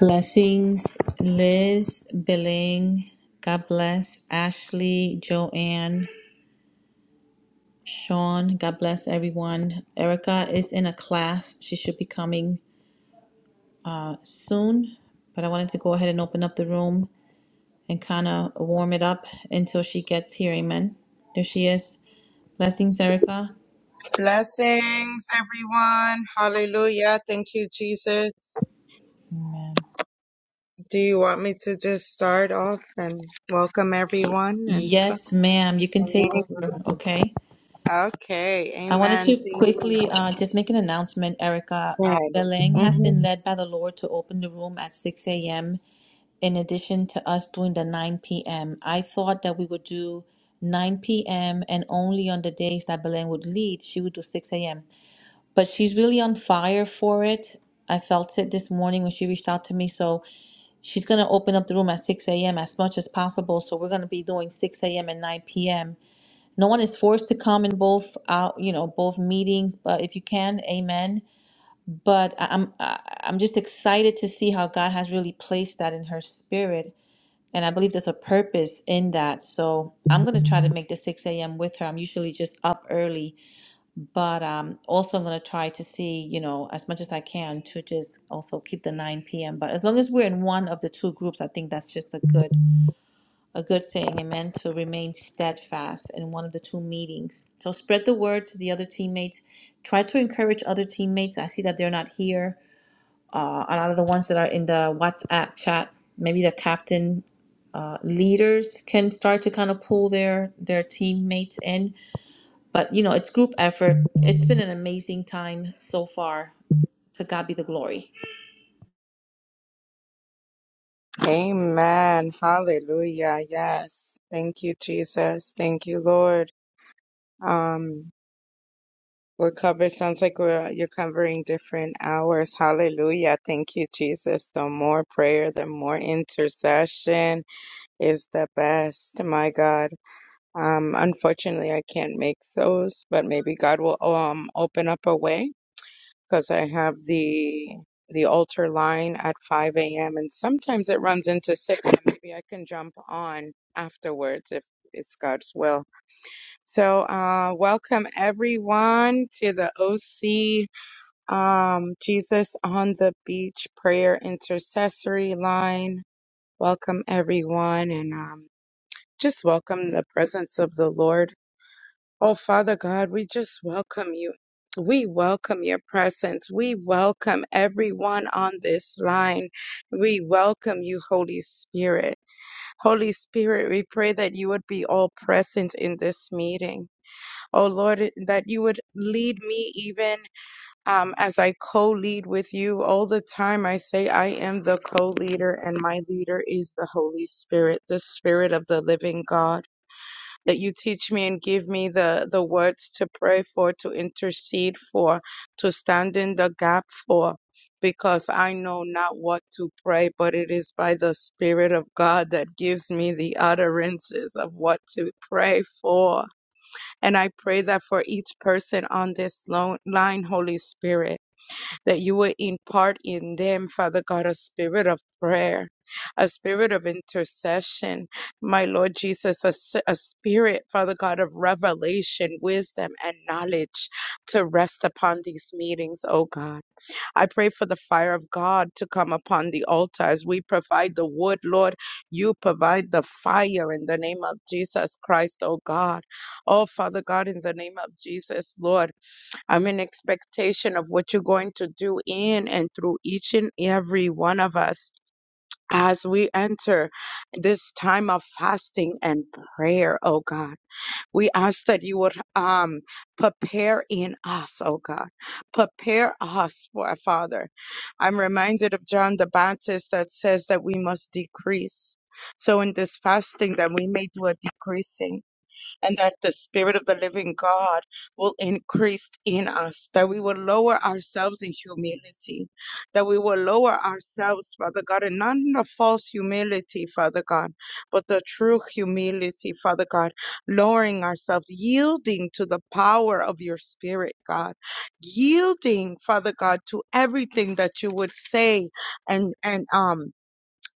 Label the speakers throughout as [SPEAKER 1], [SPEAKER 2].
[SPEAKER 1] Blessings, Liz, Billing. God bless Ashley, Joanne, Sean. God bless everyone. Erica is in a class. She should be coming uh, soon, but I wanted to go ahead and open up the room and kind of warm it up until she gets here. Amen. There she is. Blessings, Erica.
[SPEAKER 2] Blessings, everyone. Hallelujah. Thank you, Jesus. Do you want me to just start off and welcome everyone and stuff?
[SPEAKER 1] Yes, ma'am. You can take over. Okay.
[SPEAKER 2] Okay.
[SPEAKER 1] I wanted
[SPEAKER 2] Amen.
[SPEAKER 1] to
[SPEAKER 2] Thank you.
[SPEAKER 1] quickly uh, just make an announcement, Erica. Uh,
[SPEAKER 2] God.
[SPEAKER 1] Beleng has
[SPEAKER 2] Mhm.
[SPEAKER 1] been led by the Lord to open the room at 6 a.m. in addition to us doing the 9 p.m. I thought that we would do 9 p.m. and only on the days that Beleng would lead, she would do 6 a.m. But she's really on fire for it. I felt it this morning when she reached out to me. So she's going to open up the room at 6 a.m. as much as possible. So we're going to be doing 6 a.m. and 9 p.m. No one is forced to come in both out, you know, both meetings, but if you can, amen. But I- I'm I- I'm just excited to see how God has really placed that in her spirit. And I believe there's a purpose in that. So I'm gonna try to make the 6 a.m. with her. I'm usually just up early, but um also I'm gonna try to see, you know, as much as I can to just also keep the 9 p.m. But as long as we're in one of the two groups, I think that's just a good a good thing. Amen. To remain steadfast in one of the two meetings. So spread the word to the other teammates. Try to encourage other teammates. I see that they're not here. Uh, a lot of the ones that are in the WhatsApp chat, maybe the captain uh, leaders can start to kind of pull their their teammates in. But you know, it's group effort. It's been an amazing time so far. To God be the glory.
[SPEAKER 2] Amen. Hallelujah. Yes. Thank you, Jesus. Thank you, Lord. Um, we're covered. Sounds like we're you're covering different hours. Hallelujah. Thank you, Jesus. The more prayer, the more intercession. is the best. My God. Um, unfortunately, I can't make those, but maybe God will um open up a way because I have the the altar line at 5 a.m. and sometimes it runs into 6 and maybe I can jump on afterwards if it's God's will. So, uh, welcome everyone to the OC um, Jesus on the Beach Prayer Intercessory Line. Welcome everyone and um, just welcome the presence of the Lord. Oh, Father God, we just welcome you. We welcome your presence. We welcome everyone on this line. We welcome you, Holy Spirit. Holy Spirit, we pray that you would be all present in this meeting. Oh Lord, that you would lead me even um, as I co lead with you. All the time I say, I am the co leader, and my leader is the Holy Spirit, the Spirit of the living God that you teach me and give me the, the words to pray for, to intercede for, to stand in the gap for, because I know not what to pray, but it is by the Spirit of God that gives me the utterances of what to pray for. And I pray that for each person on this lo- line, Holy Spirit that you would impart in them, Father God, a spirit of prayer, a spirit of intercession, my Lord Jesus, a, s- a spirit, Father God, of revelation, wisdom, and knowledge to rest upon these meetings, oh God. I pray for the fire of God to come upon the altar as we provide the wood, Lord. You provide the fire in the name of Jesus Christ, oh God. Oh, Father God, in the name of Jesus, Lord. I'm in expectation of what you're going to do in and through each and every one of us as we enter this time of fasting and prayer, oh God. We ask that you would um prepare in us, oh God. Prepare us for our Father. I'm reminded of John the Baptist that says that we must decrease. So in this fasting that we may do a decreasing and that the Spirit of the living God will increase in us, that we will lower ourselves in humility, that we will lower ourselves, Father God, and not in a false humility, Father God, but the true humility, Father God, lowering ourselves, yielding to the power of your Spirit, God, yielding, Father God, to everything that you would say and, and, um,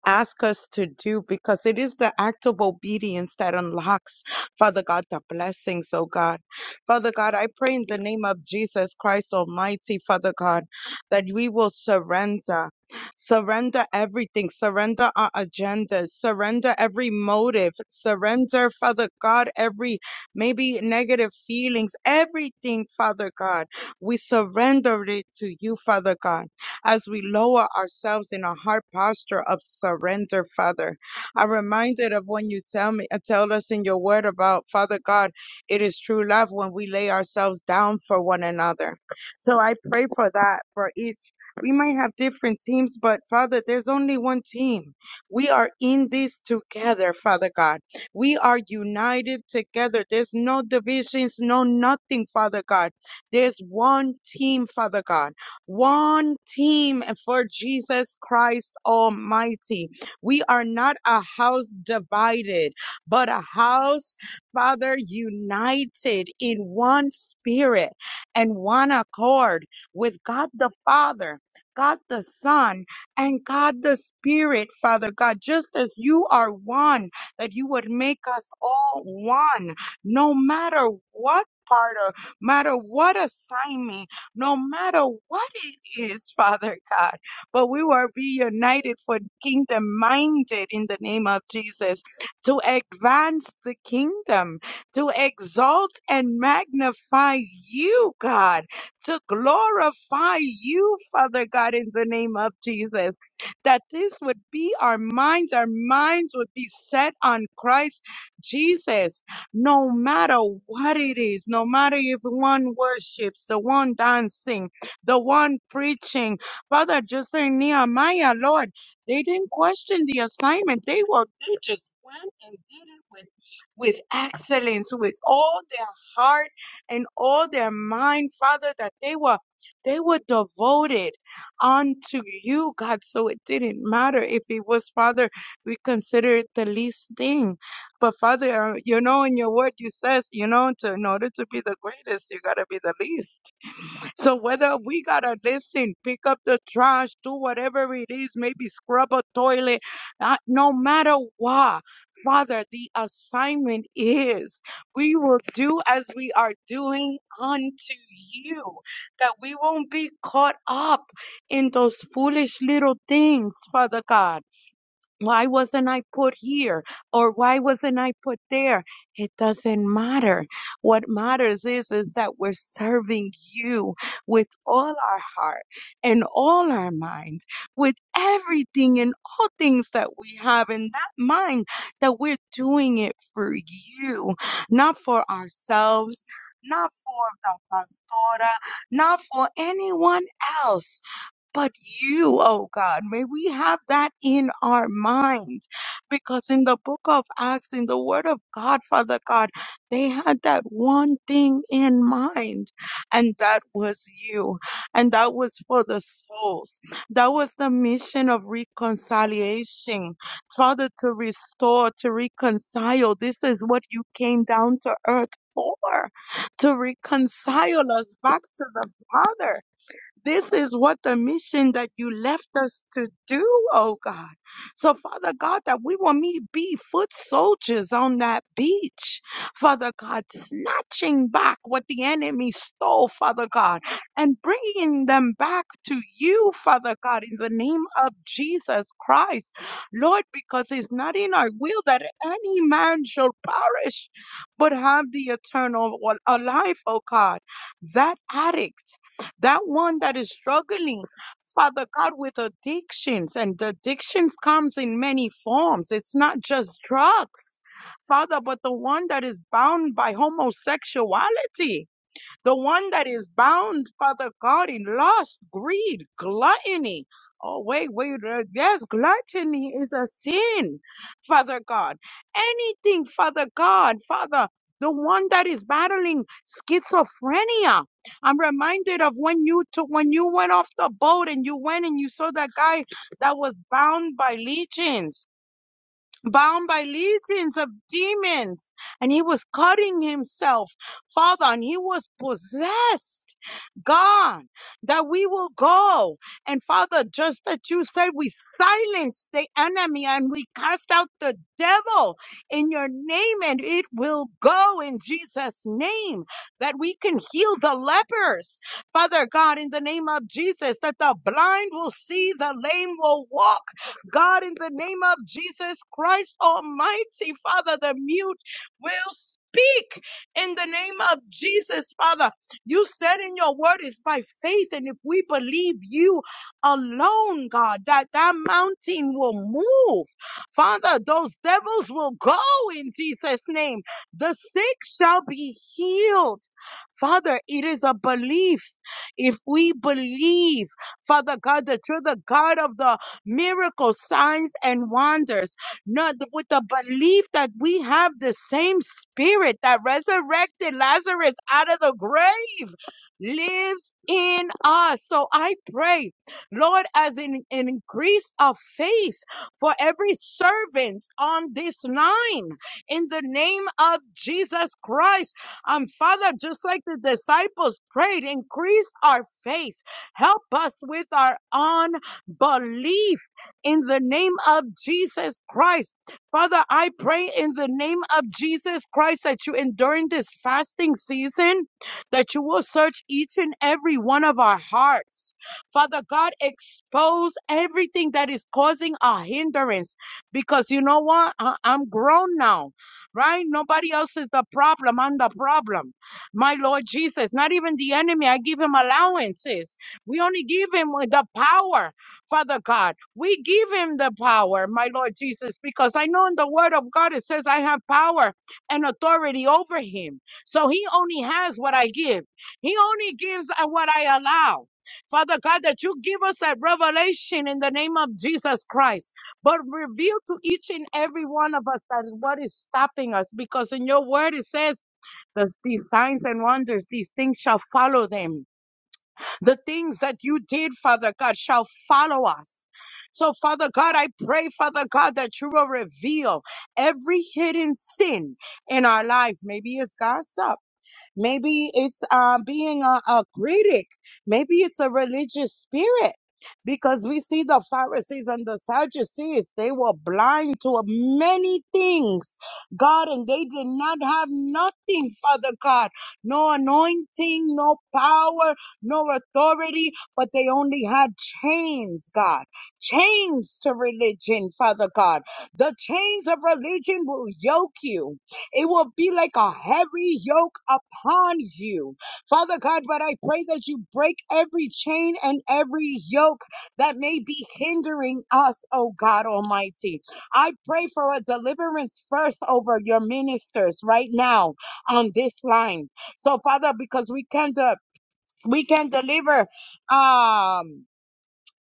[SPEAKER 2] ask us to do because it is the act of obedience that unlocks, Father God, the blessings, oh God. Father God, I pray in the name of Jesus Christ Almighty, Father God, that we will surrender. Surrender everything, surrender our agendas, surrender every motive, surrender, Father God, every maybe negative feelings, everything, Father God. We surrender it to you, Father God as we lower ourselves in a heart posture of surrender, Father. I'm reminded of when you tell me, uh, tell us in your word about Father God, it is true love when we lay ourselves down for one another. So I pray for that for each. We might have different teams, but Father, there's only one team. We are in this together, Father God. We are united together. There's no divisions, no nothing, Father God. There's one team, Father God one team for Jesus Christ Almighty. We are not a house divided, but a house, Father, united in one spirit and one accord with God the Father. God the Son and God the Spirit, Father God, just as you are one, that you would make us all one, no matter what part or matter what assignment no matter what it is, Father God. But we will be united for kingdom minded in the name of Jesus to advance the kingdom, to exalt and magnify you, God, to glorify you, Father God, in the name of Jesus. That this would be our minds, our minds would be set on Christ Jesus no matter what it is, no matter if one worships, the one dancing, the one preaching. Father, just like Nehemiah, Lord, they didn't question the assignment. They were, they just went and did it with, with excellence, with all their heart and all their mind, Father, that they were, they were devoted unto you, God. So it didn't matter if it was, Father, we consider it the least thing but Father, uh, you know, in your word, you says, you know, to, in order to be the greatest, you gotta be the least. So whether we gotta listen, pick up the trash, do whatever it is, maybe scrub a toilet, uh, no matter what, Father, the assignment is we will do as we are doing unto you, that we won't be caught up in those foolish little things, Father God why wasn't I put here? Or why wasn't I put there? It doesn't matter. What matters is, is that we're serving you with all our heart and all our mind, with everything and all things that we have in that mind, that we're doing it for you, not for ourselves, not for the pastora, not for anyone else but you, oh God. May we have that in our mind. Because in the book of Acts, in the word of God, Father God, they had that one thing in mind, and that was you. And that was for the souls. That was the mission of reconciliation. Father, to restore, to reconcile. This is what you came down to earth for, to reconcile us back to the Father this is what the mission that you left us to do, oh God. So, Father God, that we will meet be foot soldiers on that beach, Father God, snatching back what the enemy stole, Father God, and bringing them back to you, Father God, in the name of Jesus Christ, Lord, because it's not in our will that any man shall perish, but have the eternal wa- a life, oh God. That addict that one that is struggling father god with addictions and addictions comes in many forms it's not just drugs father but the one that is bound by homosexuality the one that is bound, Father God, in lust, greed, gluttony. Oh, wait, wait, uh, yes, gluttony is a sin, Father God. Anything, Father God, Father, the one that is battling schizophrenia. I'm reminded of when you took, when you went off the boat and you went and you saw that guy that was bound by legions bound by legions of demons, and he was cutting himself, Father, and he was possessed, God, that we will go. And Father, just that you said, we silence the enemy and we cast out the devil in your name, and it will go in Jesus' name, that we can heal the lepers, Father God, in the name of Jesus, that the blind will see, the lame will walk God, in the name of Jesus Christ Almighty, Father, the mute will speak in the name of Jesus, Father. You said in your word is by faith, and if we believe you alone, God, that that mountain will move. Father, those devils will go in Jesus' name. The sick shall be healed. Father, it is a belief. If we believe, Father God, that you're the God of the miracles, signs, and wonders. Not with the belief that we have the same spirit that resurrected Lazarus out of the grave lives in us. So I pray, Lord, as an, an increase of faith for every servant on this line in the name of Jesus Christ. Um, Father, just like the disciples prayed, increase our faith. Help us with our belief in the name of Jesus Christ. Father, I pray in the name of Jesus Christ that you, enduring this fasting season, that you will search each and every one of our hearts. Father God, expose everything that is causing a hindrance because you know what? I- I'm grown now, right? Nobody else is the problem. I'm the problem. My Lord Jesus, not even the enemy. I give him allowances. We only give him the power. Father God, we give him the power, my Lord Jesus, because I know in the word of God it says I have power and authority over him. So he only has what I give, he only gives uh, what I allow. Father God, that you give us that revelation in the name of Jesus Christ, but reveal to each and every one of us that what is stopping us, because in your word it says, "Those- these signs and wonders, these things shall follow them the things that you did, Father God, shall follow us. So, Father God, I pray, Father God, that you will reveal every hidden sin in our lives. Maybe it's gossip. Maybe it's um, being a, a critic. Maybe it's a religious spirit. Because we see the Pharisees and the Sadducees, they were blind to many things, God, and they did not have nothing, Father God. No anointing, no power, no authority, but they only had chains, God. Chains to religion, Father God. The chains of religion will yoke you. It will be like a heavy yoke upon you. Father God, but I pray that you break every chain and every yoke that may be hindering us, oh God Almighty. I pray for a deliverance first over your ministers right now on this line. So, Father, because we can, de- we can deliver. Um,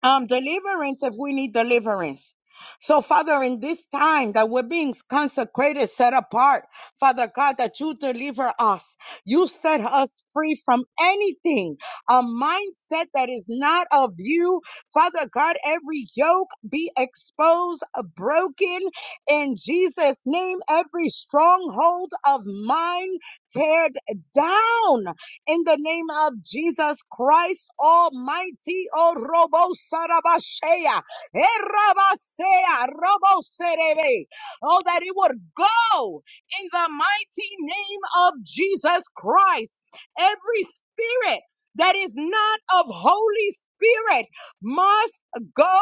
[SPEAKER 2] um deliverance if we need deliverance so father in this time that we're being consecrated set apart father god that you deliver us you set us free from anything a mindset that is not of you father god every yoke be exposed uh, broken in jesus name every stronghold of mine teared down in the name of Jesus Christ Almighty. O Robo Sarabashea, Erabasea, Robo Serebe. Oh, that it would go in the mighty name of Jesus Christ. Every spirit that is not of Holy Spirit must go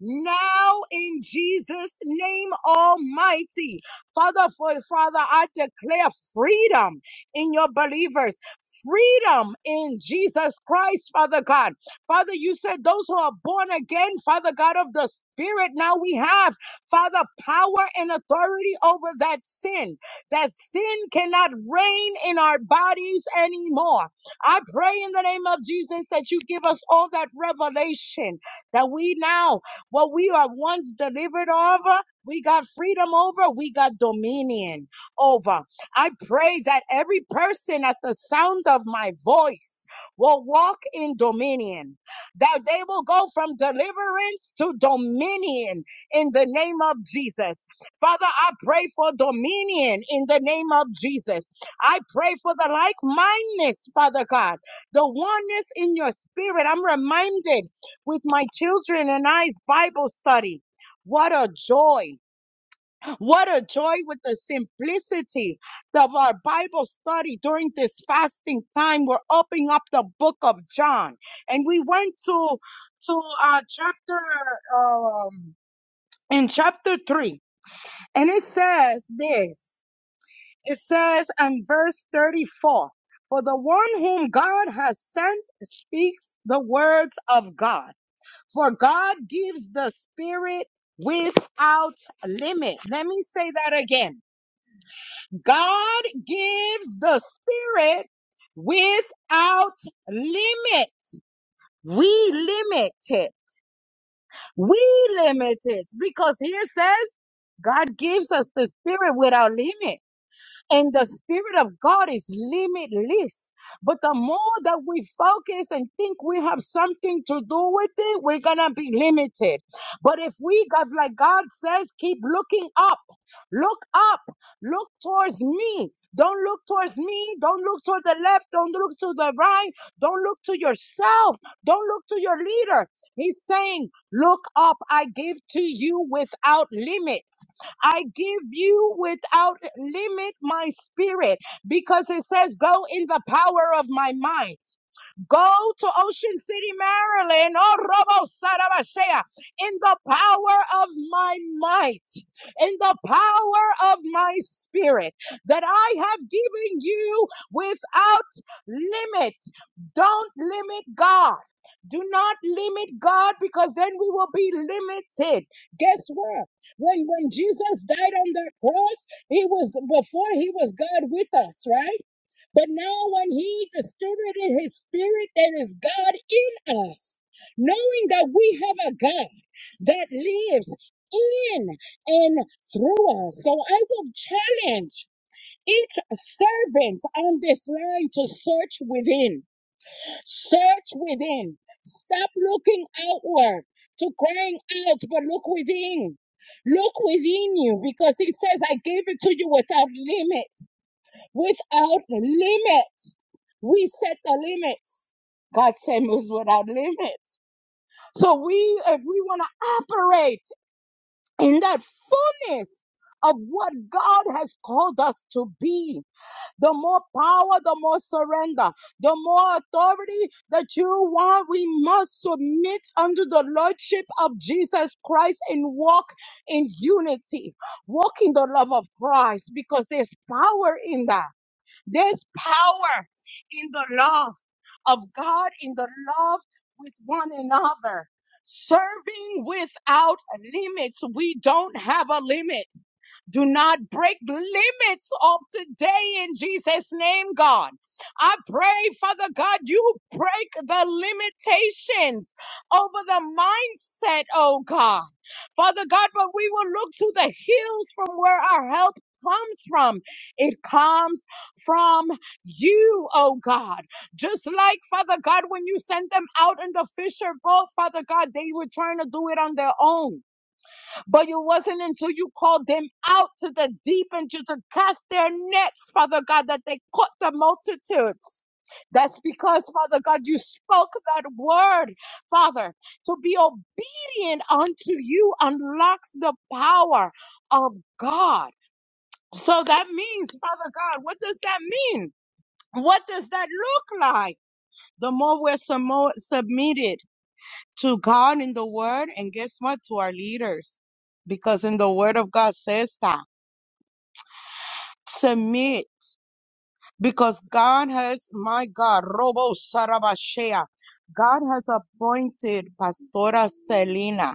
[SPEAKER 2] now in Jesus' name Almighty. Father, for Father, I declare freedom in your believers freedom in Jesus Christ, Father God. Father, you said those who are born again, Father God of the Spirit, now we have, Father, power and authority over that sin. That sin cannot reign in our bodies anymore. I pray in the name of Jesus that you give us all that revelation that we now, what we are once delivered over, we got freedom over, we got dominion over. I pray that every person at the sound of my voice will walk in dominion, that they will go from deliverance to dominion in the name of Jesus. Father, I pray for dominion in the name of Jesus. I pray for the like mindedness, Father God, the oneness in your spirit. I'm reminded with my children and I's Bible study. What a joy what a joy with the simplicity of our Bible study during this fasting time. We're opening up the book of John. And we went to to uh chapter um in chapter three. And it says this. It says in verse 34, for the one whom God has sent speaks the words of God. For God gives the spirit without limit. Let me say that again God gives the spirit without limit. We limit it. We limit it because here says God gives us the spirit without limit. And the Spirit of God is limitless. But the more that we focus and think we have something to do with it, we're going to be limited. But if we, God, like God says, keep looking up, look up, look towards me. Don't look towards me. Don't look to the left. Don't look to the right. Don't look to yourself. Don't look to your leader. He's saying, Look up. I give to you without limit. I give you without limit my spirit because it says, Go in the power of my might. Go to Ocean City, Maryland, oh, Robo Sarabashea, in the power of my might, in the power of my spirit that I have given you without limit. Don't limit God. Do not limit God because then we will be limited. Guess what? When when Jesus died on the cross, he was before he was God with us, right? But now when he distributed his spirit, there is God in us, knowing that we have a God that lives in and through us. So I will challenge each servant on this line to search within Search within. Stop looking outward to crying out, but look within. Look within you because he says, I gave it to you without limit. Without limit. We set the limits. God said moves without limits. So we, if we want to operate in that fullness of what God has called us to be, the more power, the more surrender, the more authority that you want. We must submit under the Lordship of Jesus Christ and walk in unity, walk in the love of Christ because there's power in that. There's power in the love of God, in the love with one another. Serving without limits. We don't have a limit. Do not break limits of today in Jesus' name, God. I pray, Father God, you break the limitations over the mindset, oh God. Father God, but we will look to the hills from where our help comes from. It comes from you, oh God. Just like Father God, when you sent them out in the fisher boat, Father God, they were trying to do it on their own. But it wasn't until you called them out to the deep and you to cast their nets, Father God, that they caught the multitudes. That's because, Father God, you spoke that word, Father. To be obedient unto you unlocks the power of God. So that means, Father God, what does that mean? What does that look like? The more we're summo- submitted to God in the word and guess what? To our leaders. Because in the word of God says that. Submit. Because God has, my God, Robo Sarabashea. God has appointed Pastora Selena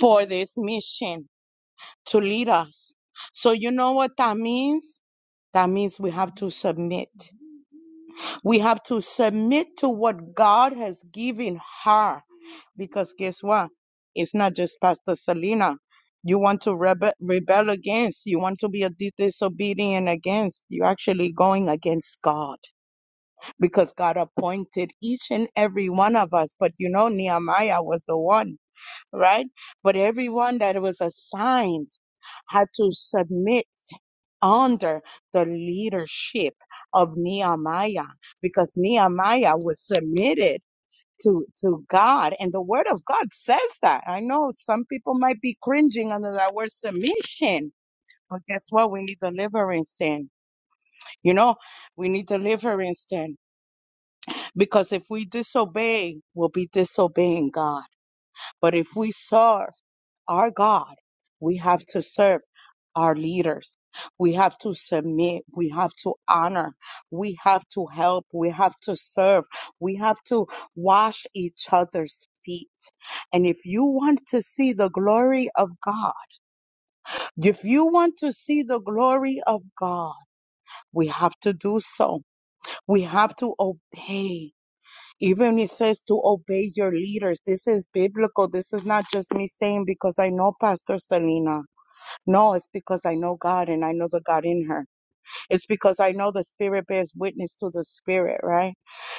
[SPEAKER 2] for this mission to lead us. So you know what that means? That means we have to submit. We have to submit to what God has given her. Because guess what? It's not just Pastor Selena. You want to rebel, rebel against, you want to be a dis- disobedient against, you're actually going against God because God appointed each and every one of us. But you know, Nehemiah was the one right? But everyone that was assigned had to submit under the leadership of Nehemiah because Nehemiah was submitted to, to God and the word of God says that. I know some people might be cringing under that word submission, but guess what? We need deliverance then. You know, we need deliverance then because if we disobey, we'll be disobeying God. But if we serve, our God, we have to serve our leaders. We have to submit. We have to honor. We have to help. We have to serve. We have to wash each other's feet. And if you want to see the glory of God, if you want to see the glory of God, we have to do so. We have to obey. Even it says to obey your leaders. This is biblical. This is not just me saying because I know Pastor Selena. No, it's because I know God and I know the God in her. It's because I know the Spirit bears witness to the Spirit, right?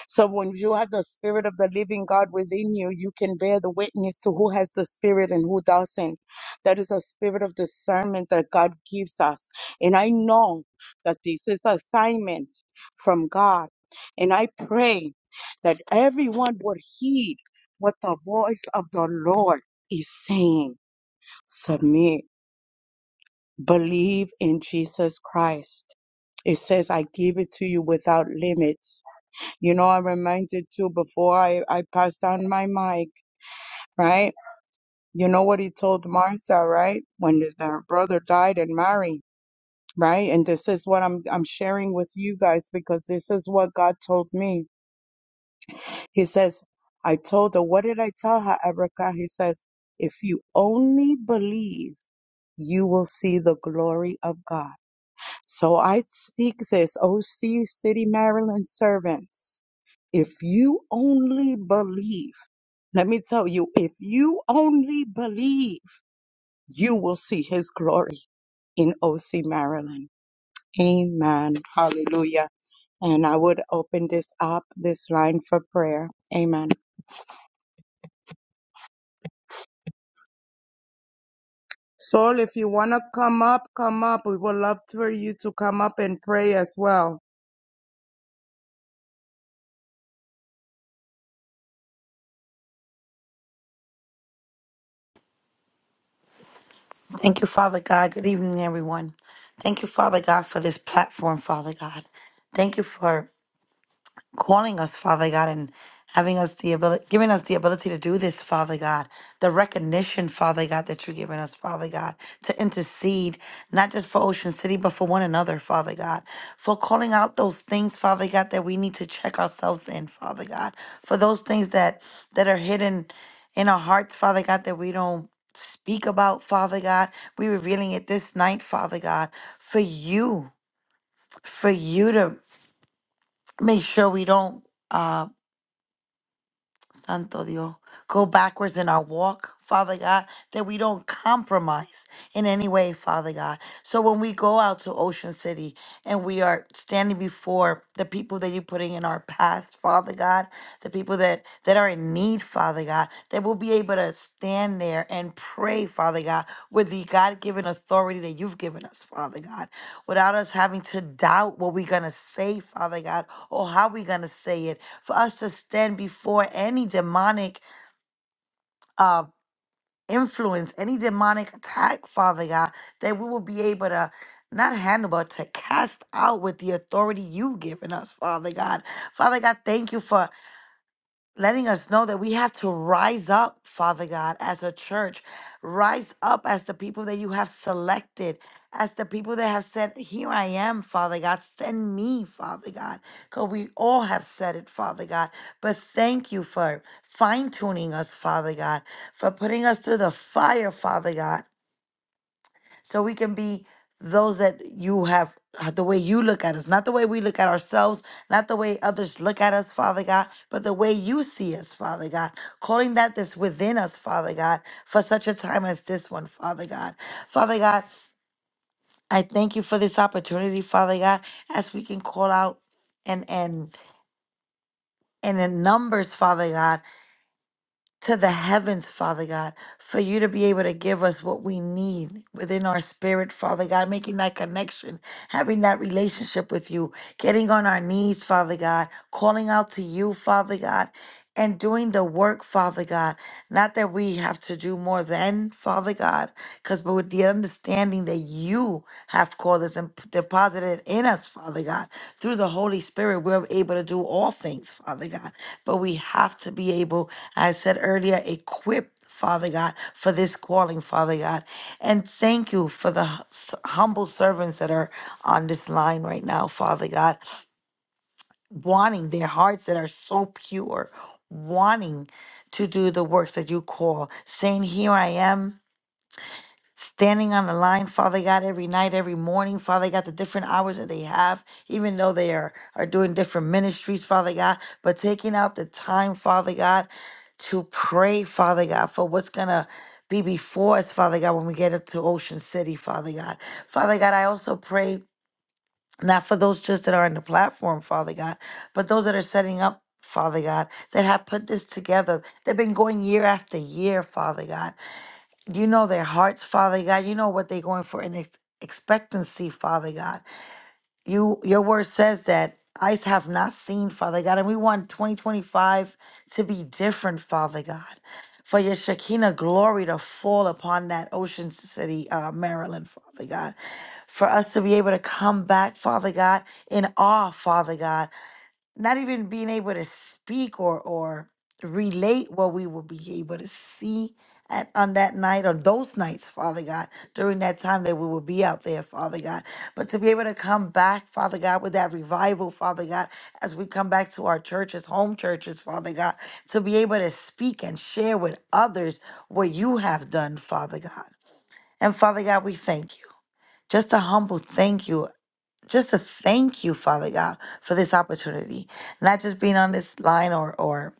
[SPEAKER 2] So when you have the Spirit of the living God within you, you can bear the witness to who has the Spirit and who doesn't. That is a spirit of discernment that God gives us. And I know that this is assignment from God. And I pray that everyone would heed what the voice of the Lord is saying. Submit believe in Jesus Christ. It says, I give it to you without limits. You know, I'm reminded too before I, I passed on my mic, right? You know what he told Martha, right? When his, her brother died and Mary, right? And this is what I'm, I'm sharing with you guys because this is what God told me. He says, I told her, what did I tell her, Erica? He says, if you only believe, you will see the glory of God. So I speak this, O Sea City, Maryland servants. If you only believe, let me tell you, if you only believe, you will see his glory in OC, Maryland. Amen. Hallelujah. And I would open this up, this line for prayer. Amen. Soul, if you want to come up, come up. We would love for you to come up and pray as well.
[SPEAKER 3] Thank you, Father God. Good evening, everyone. Thank you, Father God, for this platform, Father God. Thank you for calling us, Father God, and having us the ability, giving us the ability to do this, Father God. The recognition, Father God, that you're giving us, Father God, to intercede, not just for Ocean City, but for one another, Father God. For calling out those things, Father God, that we need to check ourselves in, Father God. For those things that that are hidden in our hearts, Father God, that we don't speak about, Father God. We're revealing it this night, Father God, for you, for you to make sure we don't. Uh, Santo Dios, go backwards in our walk, Father God, that we don't compromise in any way, Father God. So when we go out to Ocean City and we are standing before the people that you're putting in our path, Father God, the people that, that are in need, Father God, that we'll be able to stand there and pray, Father God, with the God given authority that you've given us, Father God, without us having to doubt what we're going to say, Father God, or how we're going to say it for us to stand before any demonic uh, influence, any demonic attack, Father God, that we will be able to not handle, but to cast out with the authority you've given us, Father God. Father God, thank you for letting us know that we have to rise up, Father God, as a church, rise up as the people that you have selected, as the people that have said, Here I am, Father God, send me, Father God. Because we all have said it, Father God. But thank you for fine tuning us, Father God, for putting us through the fire, Father God so we can be those that you have uh, the way you look at us, not the way we look at ourselves, not the way others look at us, Father God, but the way you see us, Father God, calling that that's within us, Father God, for such a time as this one, Father God. Father God, I thank you for this opportunity, Father God, as we can call out and and and in numbers, Father God. to the heavens, Father God, for you to be able to give us what we need within our spirit, Father God, making that connection, having that relationship with you, getting on our knees, Father God, calling out to you, Father God, and doing the work, Father God. Not that we have to do more than, Father God, because but with the understanding that you have called us and p- deposited in us, Father God, through the Holy Spirit, we're able to do all things, Father God. But we have to be able, as I said earlier, equipped. Father God, for this calling, Father God. And thank you for the hu- s- humble servants that are on this line right now, Father God wanting their hearts that are so pure, wanting to do the works that you call, saying, Here I am, standing on the line, Father God, every night, every morning, Father God, the different hours that they have, even though they are, are doing different ministries, Father God, but taking out the time, Father God, to pray, Father God, for what's going to be before us, Father God, when we get up to Ocean City, Father God. Father God, I also pray not for those just that are on the platform, Father God, but those that are setting up, Father God, that have put this together. They've been going year after year, Father God. You know their hearts, Father God. You know what they're going for in ex- expectancy, Father God. You, your word says that eyes have not seen, Father God, and we want 2025 to be different, Father God. For your Shekinah glory to fall upon that Ocean City, uh, Maryland, Father God for us to be able to come back, Father God, in awe, Father God, not even being able to speak or or relate what we will be able to see at, on that night, on those nights, Father God, during that time that we will be out there, Father God. But to be able to come back, Father God, with that revival, Father God, as we come back to our churches, home churches, Father God, to be able to speak and share with others what you have done, Father God. And Father God, we thank you just a humble thank you just to thank you, Father God, for this opportunity. Not just being on this line or or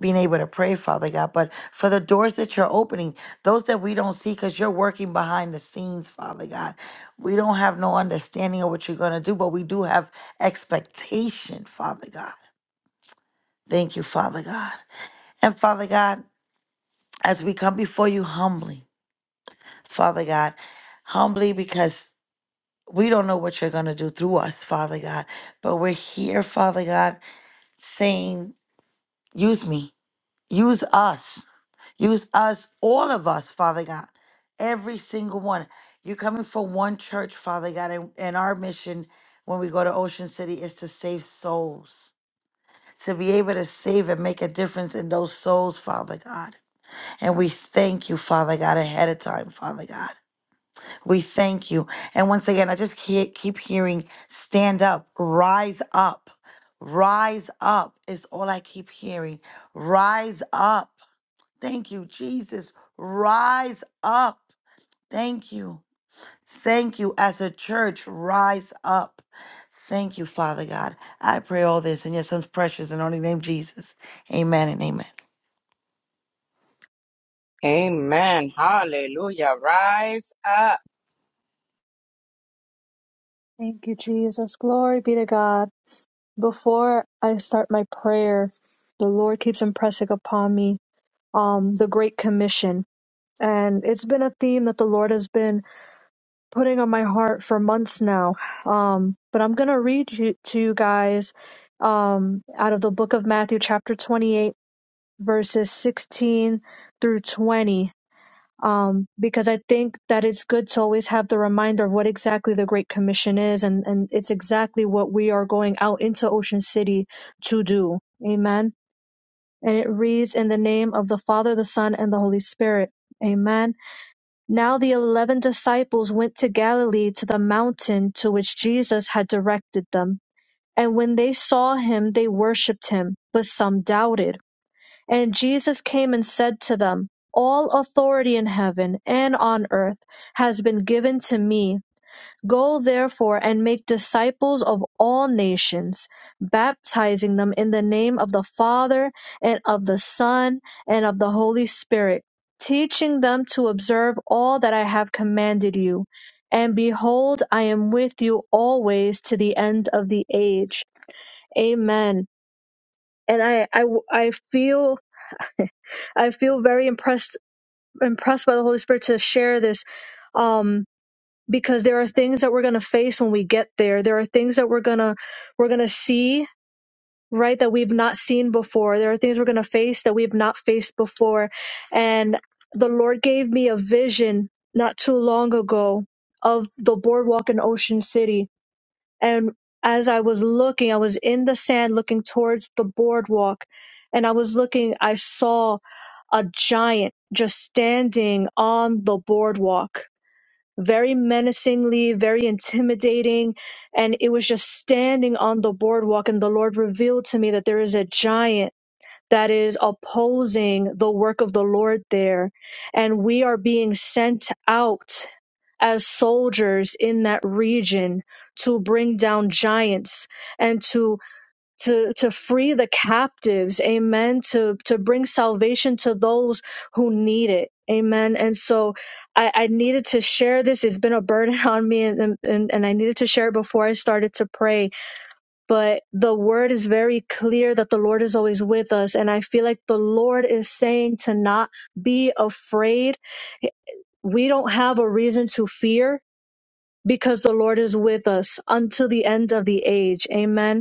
[SPEAKER 3] being able to pray, Father God, but for the doors that you're opening, those that we don't see, because you're working behind the scenes, Father God. We don't have no understanding of what you're gonna do, but we do have expectation, Father God. Thank you, Father God. And Father God, as we come before you humbly, Father God, humbly because we don't know what you're gonna do through us, Father God. But we're here, Father God saying, Use me, use us, use us, all of us, Father God, every single one. You're coming from one church, Father God, and, and our mission when we go to Ocean City is to save souls, to be able to save and make a difference in those souls, Father God. And we thank you, Father God, ahead of time, Father God. We thank you. And once again, I just ke- keep hearing stand up, rise up, rise up is all I keep hearing. Rise up. Thank you, Jesus. Rise up. Thank you. Thank you as a church. Rise up. Thank you, Father God. I pray all this in your son's precious and only name, Jesus. Amen and amen.
[SPEAKER 2] Amen. Hallelujah. Rise up.
[SPEAKER 4] Thank you, Jesus. Glory be to God. Before I start my prayer, the Lord keeps impressing upon me um, the Great Commission. And it's been a theme that the Lord has been putting on my heart for months now. Um, but I'm going to read you, to you guys um, out of the book of Matthew, chapter 28, verses 16 through 20 um, because I think that it's good to always have the reminder of what exactly the Great Commission is, and, and it's exactly what we are going out into Ocean City to do. Amen. And it reads, In the name of the Father, the Son, and the Holy Spirit. Amen. Now the eleven disciples went to Galilee to the mountain to which Jesus had directed them. And when they saw him, they worshipped him, but some doubted. And Jesus came and said to them, All authority in heaven and on earth has been given to me. Go therefore and make disciples of all nations, baptizing them in the name of the Father and of the Son and of the Holy Spirit, teaching them to observe all that I have commanded you. And behold, I am with you always to the end of the age. Amen. And I, I, I feel I feel very impressed impressed by the Holy Spirit to share this um because there are things that we're going to face when we get there. There are things that we're going to we're going to see right that we've not seen before. There are things we're going to face that we've not faced before. And the Lord gave me a vision not too long ago of the boardwalk in Ocean City and as I was looking, I was in the sand looking towards the boardwalk, and I was looking, I saw a giant just standing on the boardwalk, very menacingly, very intimidating. And it was just standing on the boardwalk. And the Lord revealed to me that there is a giant that is opposing the work of the Lord there. And we are being sent out as soldiers in that region to bring down giants and to to to free the captives amen to to bring salvation to those who need it amen and so i i needed to share this it's been a burden on me and and, and i needed to share it before i started to pray but the word is very clear that the Lord is always with us. And I feel like the Lord is saying to not be afraid. We don't have a reason to fear because the Lord is with us until the end of the age. Amen.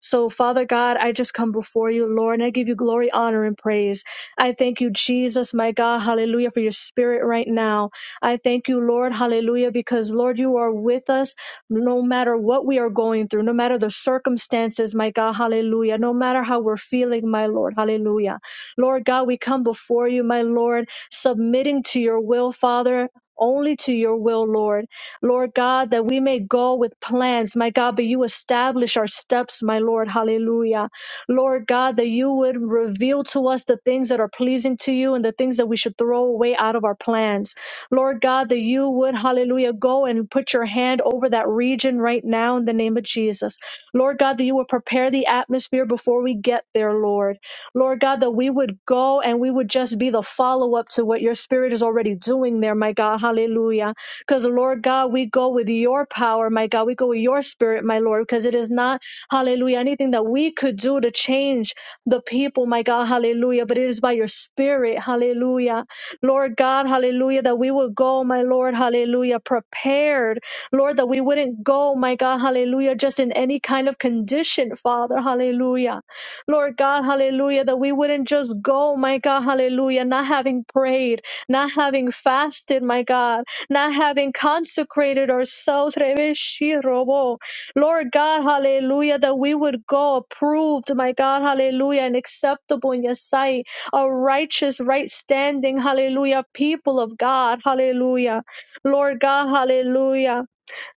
[SPEAKER 4] So, Father God, I just come before you, Lord, and I give you glory, honor, and praise. I thank you, Jesus, my God, hallelujah, for your spirit right now. I thank you, Lord, hallelujah, because, Lord, you are with us no matter what we are going through, no matter the circumstances, my God, hallelujah, no matter how we're feeling, my Lord, hallelujah. Lord God, we come before you, my Lord, submitting to your will, Father. Only to your will, Lord. Lord God, that we may go with plans, my God, but you establish our steps, my Lord. Hallelujah. Lord God, that you would reveal to us the things that are pleasing to you and the things that we should throw away out of our plans. Lord God, that you would, hallelujah, go and put your hand over that region right now in the name of Jesus. Lord God, that you would prepare the atmosphere before we get there, Lord. Lord God, that we would go and we would just be the follow up to what your spirit is already doing there, my God. Hallelujah. Because, Lord God, we go with your power, my God. We go with your spirit, my Lord, because it is not, hallelujah, anything that we could do to change the people, my God, hallelujah. But it is by your spirit, hallelujah. Lord God, hallelujah, that we would go, my Lord, hallelujah, prepared. Lord, that we wouldn't go, my God, hallelujah, just in any kind of condition, Father, hallelujah. Lord God, hallelujah, that we wouldn't just go, my God, hallelujah, not having prayed, not having fasted, my God not having consecrated ourselves. Rebeshirobo. Lord God, hallelujah, that we would go approved, my God, hallelujah, and acceptable in your sight, a righteous, right standing, hallelujah, people of God, hallelujah. Lord God, hallelujah.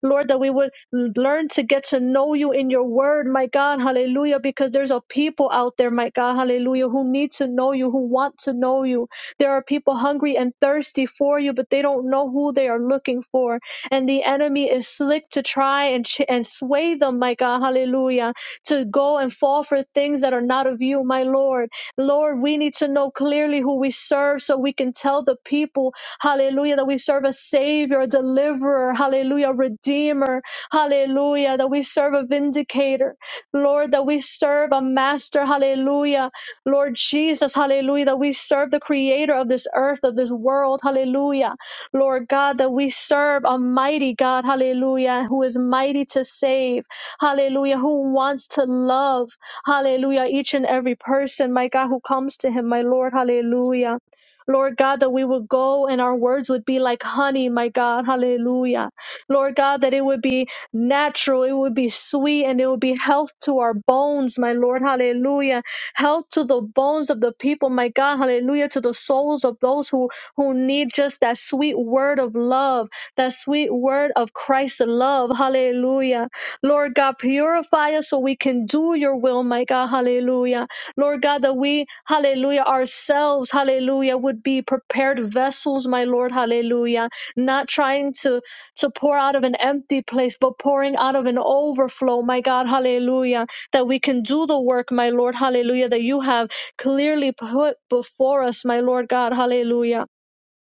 [SPEAKER 4] Lord, that we would learn to get to know you in your word, my God, hallelujah, because there's a people out there, my God, hallelujah, who need to know you, who want to know you. There are people hungry and thirsty for you, but they don't know who they are looking for. And the enemy is slick to try and, ch- and sway them, my God, hallelujah, to go and fall for things that are not of you, my Lord. Lord, we need to know clearly who we serve so we can tell the people Hallelujah, that we serve a Savior, a deliverer. Hallelujah, redeemer. Hallelujah, that we serve a vindicator. Lord, that we serve a master. Hallelujah. Lord Jesus, hallelujah, that we serve the creator of this earth, of this world, hallelujah. Lord God, that we serve a mighty God, hallelujah, who is mighty to save, hallelujah, who wants to love, hallelujah, each and every person, my God, who comes to him, my Lord, hallelujah. Lord God, that we would go and our words would be like honey, my God. Hallelujah. Lord God, that it would be natural, it would be sweet, and it would be health to our bones, my Lord. Hallelujah. Health to the bones of the people, my God. Hallelujah. To the souls of those who, who need just that sweet word of love, that sweet word of Christ's love. Hallelujah. Lord God, purify us so we can do your will, my God. Hallelujah. Lord God, that we, hallelujah, ourselves, hallelujah, would be prepared vessels, my Lord, hallelujah, not trying to, to pour out of an empty place, but pouring out of an overflow, my God, hallelujah, that we can do the work, my Lord, hallelujah, that you have clearly put before us, my Lord God, hallelujah.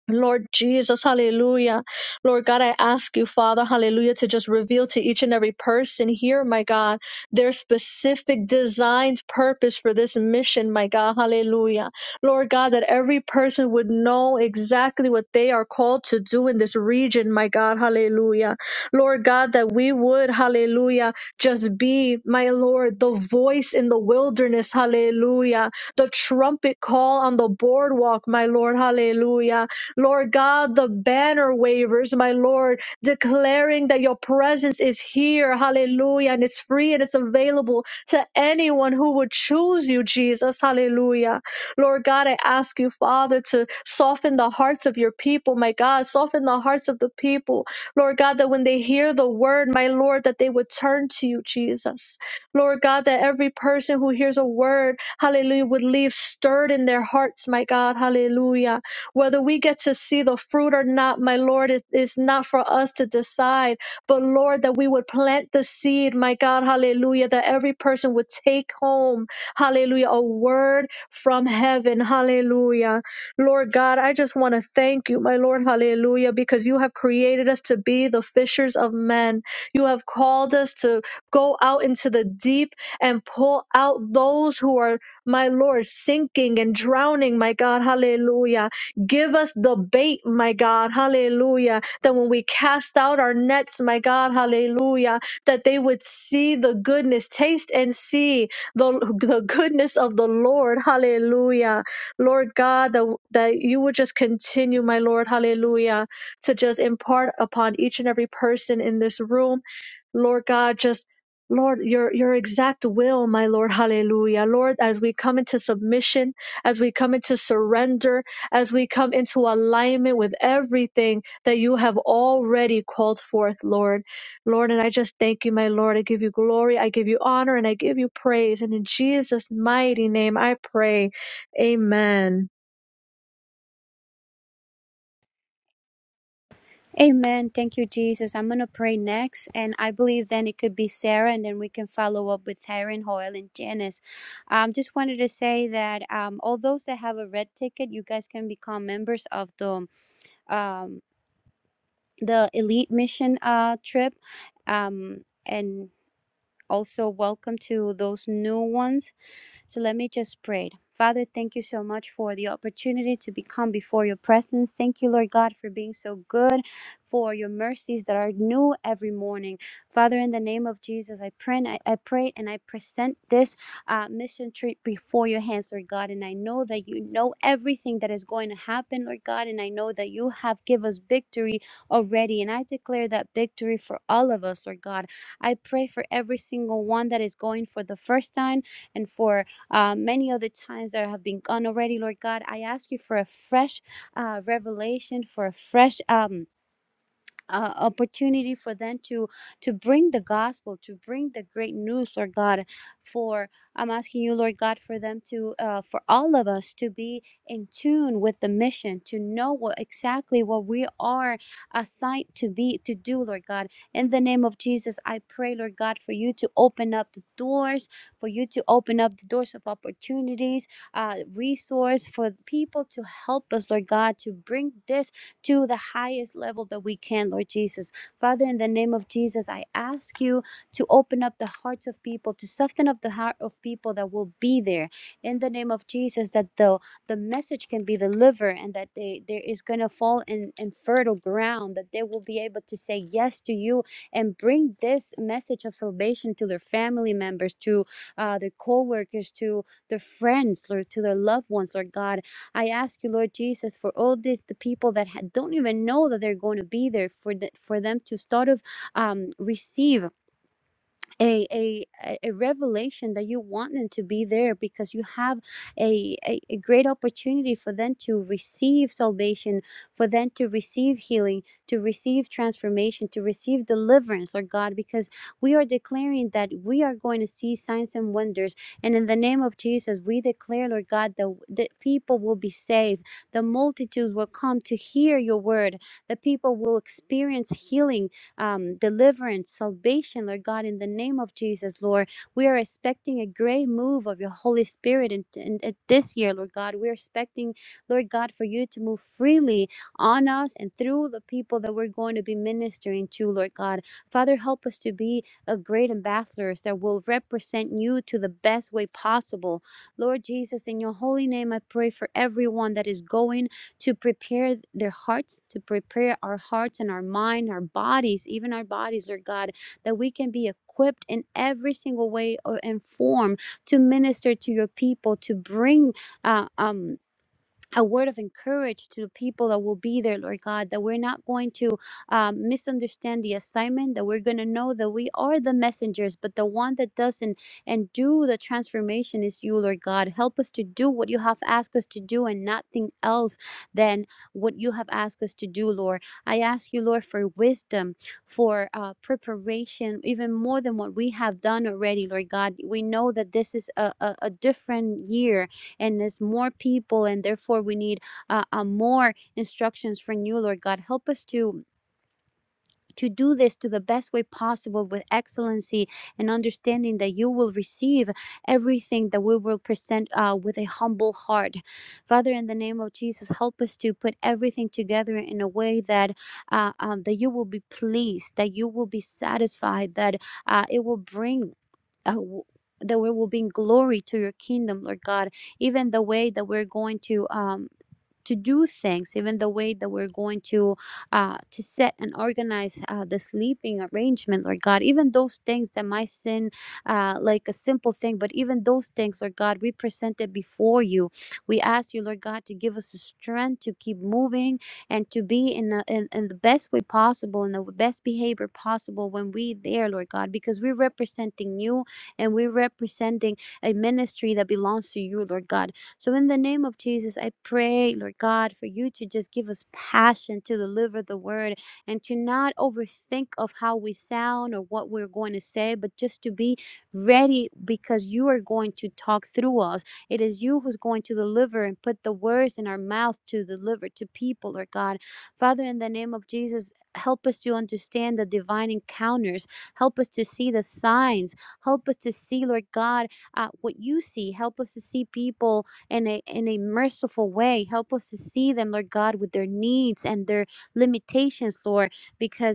[SPEAKER 4] Lord Jesus, hallelujah. Lord God, I ask you, Father, hallelujah, to just reveal to each and every person here, my God, their specific designed purpose for this mission, my God, hallelujah. Lord God, that every person would know exactly what they are called to do in this region, my God, hallelujah. Lord God, that we would, hallelujah, just be, my Lord, the voice in the wilderness, hallelujah, the trumpet call on the boardwalk, my Lord, hallelujah Lord God, the banner wavers, my Lord, declaring that your presence is here. Hallelujah. And it's free and it's available to anyone who would choose you, Jesus. Hallelujah. Lord God, I ask you, Father, to soften the hearts of your people, my God, soften the hearts of the people. Lord God, that when they hear the word, my Lord, that they would turn to you, Jesus. Lord God, that every person who hears a word, hallelujah, would leave stirred in their hearts, my God, hallelujah. Whether we get to see the fruit or not, my Lord, is, is not for us to decide. But Lord, that we would plant the seed, my God, hallelujah, that every person would take home, hallelujah, a word from heaven, hallelujah. Lord God, I just want to thank you, my Lord, hallelujah, because you have created us to be the fishers of men. You have called us to go out into the deep and pull out those who are, my Lord, sinking and drowning, my God, hallelujah. Give us the bait, my God. Hallelujah. That when we cast out our nets, my God, hallelujah, that they would see the goodness, taste and see the, the goodness of the Lord. Hallelujah. Lord God, that, that you would just continue, my Lord, hallelujah, to just impart upon each and every person in this room Lord God, just Lord, your your exact will, my Lord, hallelujah. Lord, as we come into submission, as we come into surrender, as we come into alignment with everything that you have already called forth, Lord. Lord, and I just thank you, my Lord. I give you glory, I give you honor, and I give you praise. And in Jesus' mighty name I pray. Amen.
[SPEAKER 5] Amen. Thank you, Jesus. I'm going to pray next. And I believe then it could be Sarah, and then we can follow up with Taryn, Hoyle, and Janice. Um, just wanted to say that um, all those that have a red ticket, you guys can become members of the, um, the Elite Mission uh, trip. Um, and also welcome to those new ones. So let me just pray. Father, thank you so much for the opportunity to become before your presence. Thank you, Lord God, for being so good, for your mercies that are new every morning. Father, in the name of Jesus, I pray and I, I pray and I present this uh, mission trip before your hands, Lord God. And I know that you know everything that is going to happen, Lord God. And I know that you have give us victory already. And I declare that victory for all of us, Lord God. I pray for every single one that is going for the first time and for uh, many of the times that have been gone already, Lord God, I ask you for a fresh uh, revelation, for a fresh. Um, uh, opportunity for them to to bring the gospel to bring the great news lord god for i'm asking you lord god for them to uh, for all of us to be in tune with the mission to know what exactly what we are assigned to be to do lord god in the name of jesus i pray lord god for you to open up the doors for you to open up the doors of opportunities uh resource for people to help us lord god to bring this to the highest level that we can, Lord Jesus. Father, in the name of Jesus, I ask you to open up the hearts of people, to soften up the heart of people that will be there in the name of Jesus, that the, the message can be delivered and that they there is gonna fall in, in fertile ground, that they will be able to say yes to you and bring this message of salvation to their family members, to uh, their co-workers, to their friends, Lord, to their loved ones, Lord God I ask you, Lord Jesus, for all this the people that ha- don't even know that they're going to be there, for the, for them to start of um, receive a a a a revelation that you want them to be there because you have a, a a great opportunity for them to receive salvation for them to receive healing to receive transformation to receive deliverance Lord god because we are declaring that we are going to see signs and wonders and in the name of jesus we declare lord god that the people will be saved the multitudes will come to hear your word the people will experience healing um, deliverance, salvation, Lord God, in the name of Jesus, Lord. We are expecting a great move of your Holy Spirit in, in, in this year, Lord God. We're expecting, Lord God, for you to move freely on us and through the people that we're going to be ministering to, Lord God. Father, help us to be a great ambassadors that will represent you to the best way possible. Lord Jesus, in your holy name, I pray for everyone that is going to prepare their hearts, to prepare our hearts and our mind, our bodies, even our bodies, Lord God, that we can be equipped in every single way or and form to minister to your people, to bring uh, um a word of encouragement to the people that will be there, Lord God, that we're not going to um, misunderstand the assignment, that we're going to know that we are the messengers, but the one that does and, and do the transformation is you, Lord God. Help us to do what you have asked us to do and nothing else than what you have asked us to do, Lord. I ask you, Lord, for wisdom, for uh, preparation, even more than what we have done already, Lord God. We know that this is a, a, a different year and it's more people and therefore we need uh, uh, more instructions from you lord god help us to to do this to the best way possible with excellency and understanding that you will receive everything that we will present uh, with a humble heart. Father, in the name of Jesus, help us to put everything together in a way that uh, um, that you will be pleased, that you will be satisfied, that uh, it will bring. Uh, w- that we will bring glory to your kingdom, Lord God. Even the way that we're going to um, to do things even the way that we're going to uh to set and organize uh, the sleeping arrangement lord god even those things that might seem uh like a simple thing but even those things lord god we present it before you we ask you lord god to give us the strength to keep moving and to be in, a, in in the best way possible in the best behavior possible when we there lord god because we're representing you and we're representing a ministry that belongs to you lord god so, in the name of Jesus, I pray, Lord God, for you to just give us passion to deliver the word and to not overthink of how we sound or what we're going to say, but just to be ready because you are going to talk through us. It is you who's going to deliver and put the words in our mouth to deliver to people, Lord God. Father, in the name of Jesus, help us to understand the divine encounters. Help us to see the signs. Help us to see, Lord God, uh, what you see. Help us to see people in a in a merciful way. Help us to see them, Lord God, with their needs and their limitations, Lord, because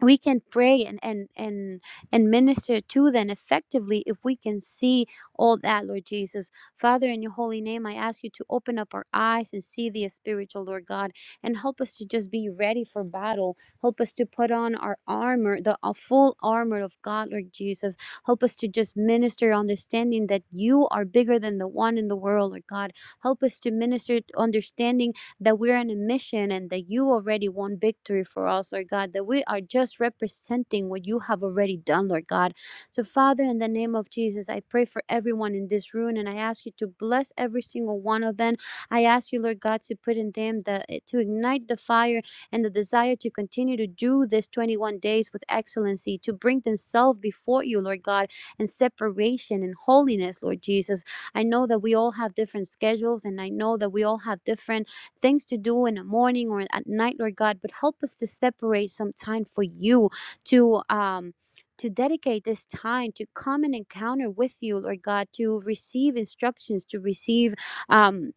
[SPEAKER 5] we can pray and and and and minister to them effectively if we can see all that lord jesus father in your holy name i ask you to open up our eyes and see the spiritual lord god and help us to just be ready for battle help us to put on our armor the uh, full armor of god lord jesus help us to just minister understanding that you are bigger than the one in the world lord god help us to minister understanding that we're on a mission and that you already won victory for us, Lord God, that we are just representing what you have already done, Lord God. So, Father, in the name of Jesus, I pray for everyone in this room and I ask you to bless every single one of them. I ask you, Lord God, to put in them the eh, to ignite the fire and the desire to continue to do this 21 days with excellency, to bring themselves before you, Lord God, in separation and holiness, Lord Jesus. I know that we all have different schedules and I know that we all have different things to do in the morning or at night, Lord God, but help us to separate some time for you to um to dedicate this time to come and encounter with you, Lord God, to receive instructions, to receive um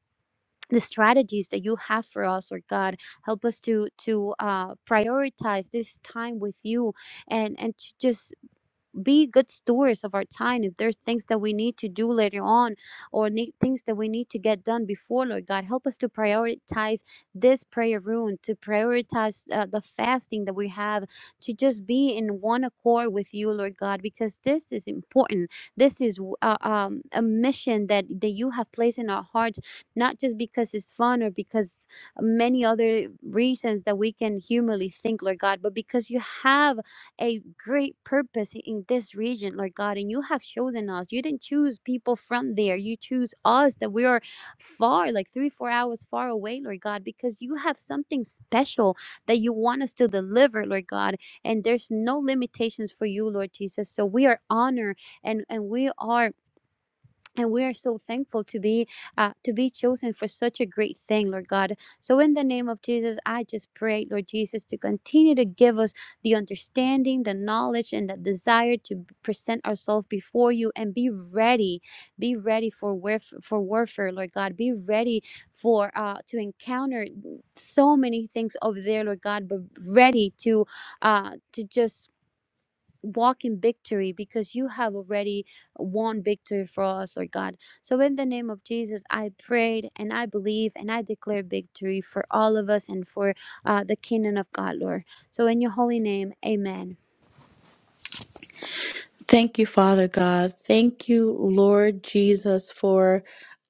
[SPEAKER 5] the strategies that you have for us, Lord God, help us to to uh, prioritize this time with you, and and to just be good stewards of our time if there's things that we need to do later on or need, things that we need to get done before lord god help us to prioritize this prayer room to prioritize uh, the fasting that we have to just be in one accord with you lord god because this is important this is uh, um, a mission that that you have placed in our hearts not just because it's fun or because many other reasons that we can humanly think lord god but because you have a great purpose in this region, Lord God, and you have chosen us. You didn't choose people from there. You choose us that we are far, like three, four hours far away, Lord God, because you have something special that you want us to deliver, Lord God. And there's no limitations for you, Lord Jesus. So we are honored and, and we are and we are so thankful to be uh, to be chosen for such a great thing lord god so in the name of jesus i just pray lord jesus to continue to give us the understanding the knowledge and the desire to present ourselves before you and be ready be ready for warf- for warfare lord god be ready for uh to encounter mm, so many things over there lord god but ready to uh to just walk in victory because you have already won victory for us, Lord God. So, in the name of Jesus, I prayed and I believe and I declare victory for all of us and for uh, the kingdom of God, Lord. So, in your holy name, amen.
[SPEAKER 6] Thank you, Father God. Thank you, Lord Jesus, for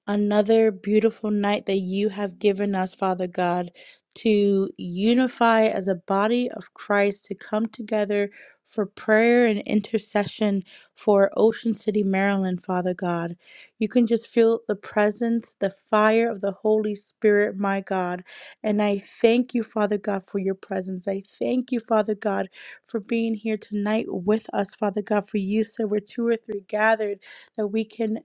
[SPEAKER 6] another beautiful night that you have given us, Father God, to unify as a body of Christ, to come together for prayer and intercession for Ocean City, Maryland, Father God. You can just feel the presence, the fire of the Holy Spirit, my God. And I thank you, Father God, for your presence. I thank you, Father God for being here tonight with us, Father God. For you said we're two or three gathered, that we can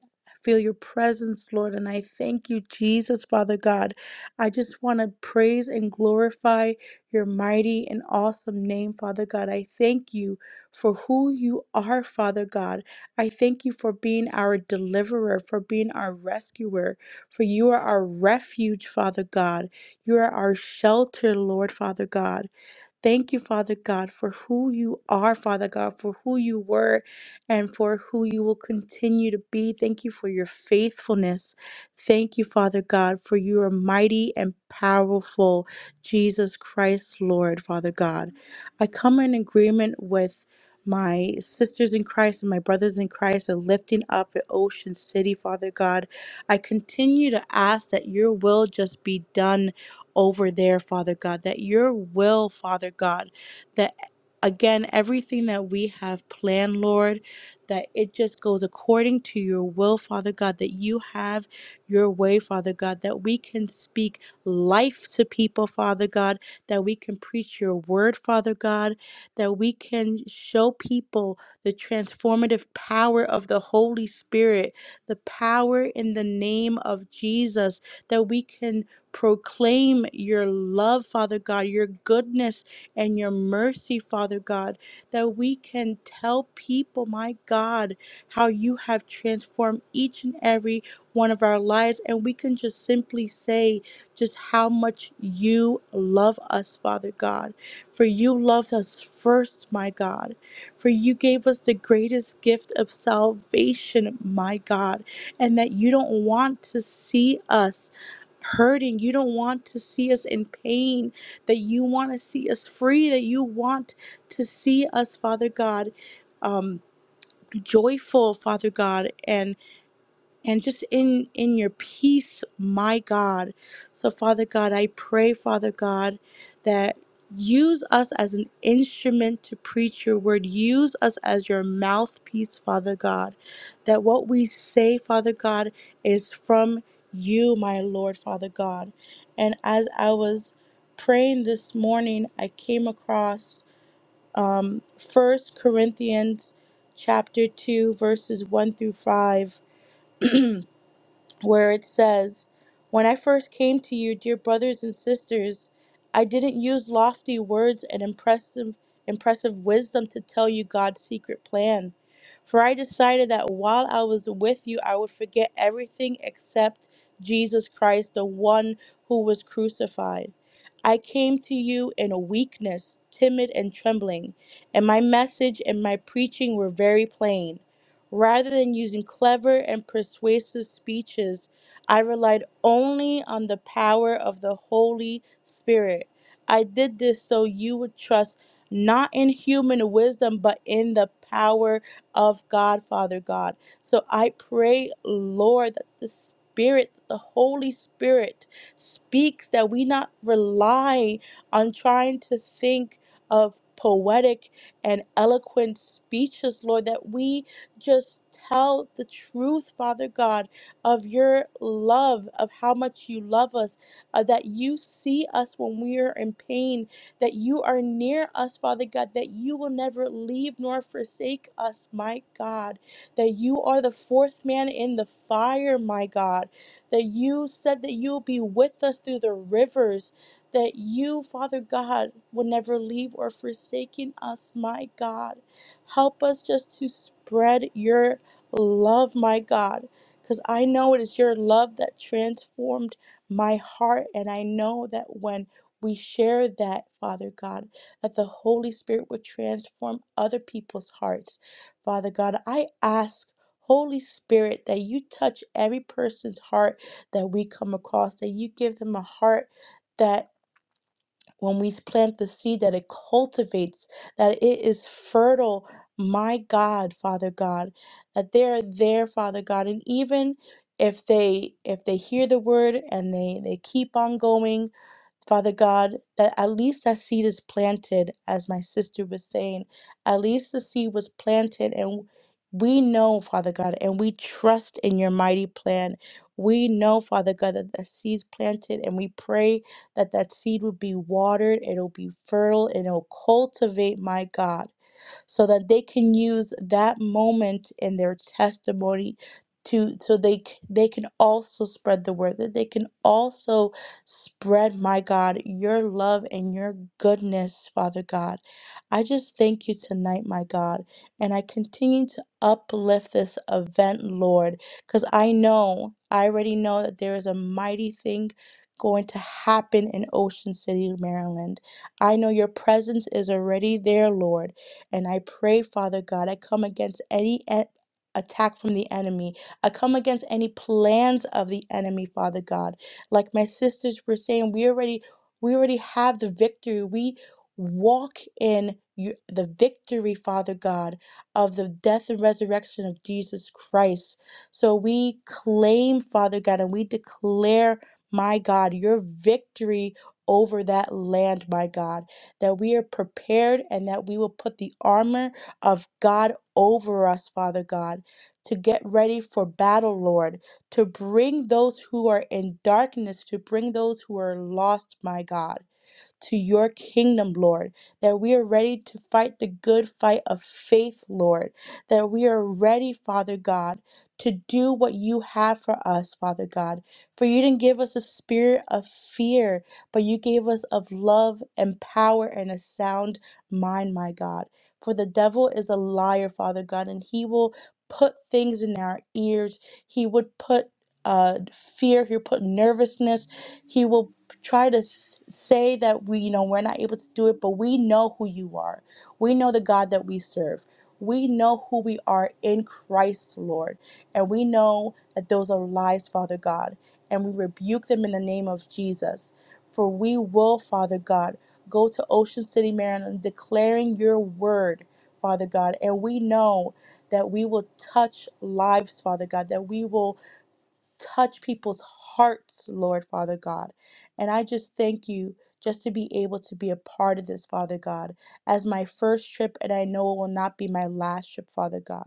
[SPEAKER 6] feel your presence, Lord. And I thank you, Jesus, Father God. I just want to praise and glorify your mighty and awesome name, Father God. I thank you for who you are, Father God. I thank you for being our deliverer, for being our rescuer, for you are our refuge, Father God. You are our shelter, Lord, Father God. Thank you, Father God, for who you are, Father God, for who you were and for who you will continue to be. Thank you for your faithfulness. Thank you, Father God, for you are mighty and powerful, Jesus Christ, Lord, Father God. I come in agreement with my sisters in Christ and my brothers in Christ and lifting up at Ocean City, Father God. I continue to ask that your will just be done over there, Father God, that your will, Father God, that again, everything that we have planned, Lord, that it just goes according to your will, Father God, that you have your way, Father God, that we can speak life to people, Father God, that we can preach your word, Father God, that we can show people the transformative power of the Holy Spirit, the power in the name of Jesus, that we can proclaim your love, Father God, your goodness and your mercy, Father God, that we can tell people, my God, how you have transformed each and every one of our lives. And we can just simply say just how much you love us, Father God. For you loved us first, my God. For you gave us the greatest gift of salvation, my God. And that you don't want to see us hurting. You don't want to see us in pain, that you want to see us free, that you want to see us, Father God, um, joyful, Father God. and and just in in your peace my god so father god i pray father god that use us as an instrument to preach your word use us as your mouthpiece father god that what we say father god is from you my lord father god and as i was praying this morning i came across um first corinthians chapter 2 verses 1 through 5 where it says, When I first came to you, dear brothers and sisters, I didn't use lofty words and impressive, impressive wisdom to tell you God's secret plan. For I decided that while I was with you, I would forget everything except Jesus Christ, the one who was crucified. I came to you in weakness, timid, and trembling, and my message and my preaching were very plain Rather than using clever and persuasive speeches, I relied only on the power of the Holy Spirit. I did this so you would trust not in human wisdom, but in the power of God, Father God. So I pray, Lord, that the Spirit, the Holy Spirit, speaks that we not rely on trying to think of poetic and eloquent speeches, Lord, that we just tell the truth, Father God, of your love, of how much you love us, uh, that you see us when we are in pain, that you are near us, Father God, that you will never leave nor forsake us, my God, that you are the fourth man in the fire, my God, that you said that you'll be with us through the rivers, that you, Father God, will never leave or forsaken us, my God. Help us just to spread your love, my God, because I know it is your love that transformed my heart. And I know that when we share that, Father God, that the Holy Spirit would transform other people's hearts. Father God, I ask, Holy Spirit, that you touch every person's heart that we come across, that you give them a heart. that when we plant the seed that it cultivates, that it is fertile. My God, Father God, that they are there, Father God, and even if they if they hear the word and they they keep on going, Father God, that at least that seed is planted, as my sister was saying, at least the seed was planted, and we know, Father God, and we trust in your mighty plan. We know, Father God, that the seed's planted, and we pray that that seed would be watered, it'll be fertile, and it'll cultivate, my God so that they can use that moment in their testimony to so they c- they can also spread the word that they can also spread my God your love and your goodness Father God I just thank you tonight my God and I continue to uplift this event Lord cuz I know I already know that there is a mighty thing going to happen in Ocean City Maryland I know your presence is already there Lord and I pray, Father God, I come against any e- attack from the enemy. I come against any plans of the enemy, Father God. Like my sisters were saying, we already we already have the victory. We walk in you, the victory, Father God, of the death and resurrection of Jesus Christ. So we claim, Father God, and we declare, my God, your victory over that land, my God that we are prepared and that we will put the armor of God over us, Father God, to get ready for battle, Lord, to bring those who are in darkness, to bring those who are lost, my God to your kingdom, Lord, that we are ready to fight the good fight of faith, Lord, that we are ready, Father God, to do what you have for us, Father God. For you didn't give us a spirit of fear, but you gave us of love and power and a sound mind, my God. For the devil is a liar, Father God, and he will put things in our ears. He would put uh, fear, he'll put nervousness, He will try to th- say that we you know we're not able to do it but we know who you are we know the god that we serve we know who we are in christ lord and we know that those are lies father god and we rebuke them in the name of jesus for we will father god go to ocean city maryland declaring your word father god and we know that we will touch lives father god that we will touch people's hearts, Lord Father God. And I just thank you just to be able to be a part of this, Father God, as my first trip, and I know it will not be my last trip, Father God,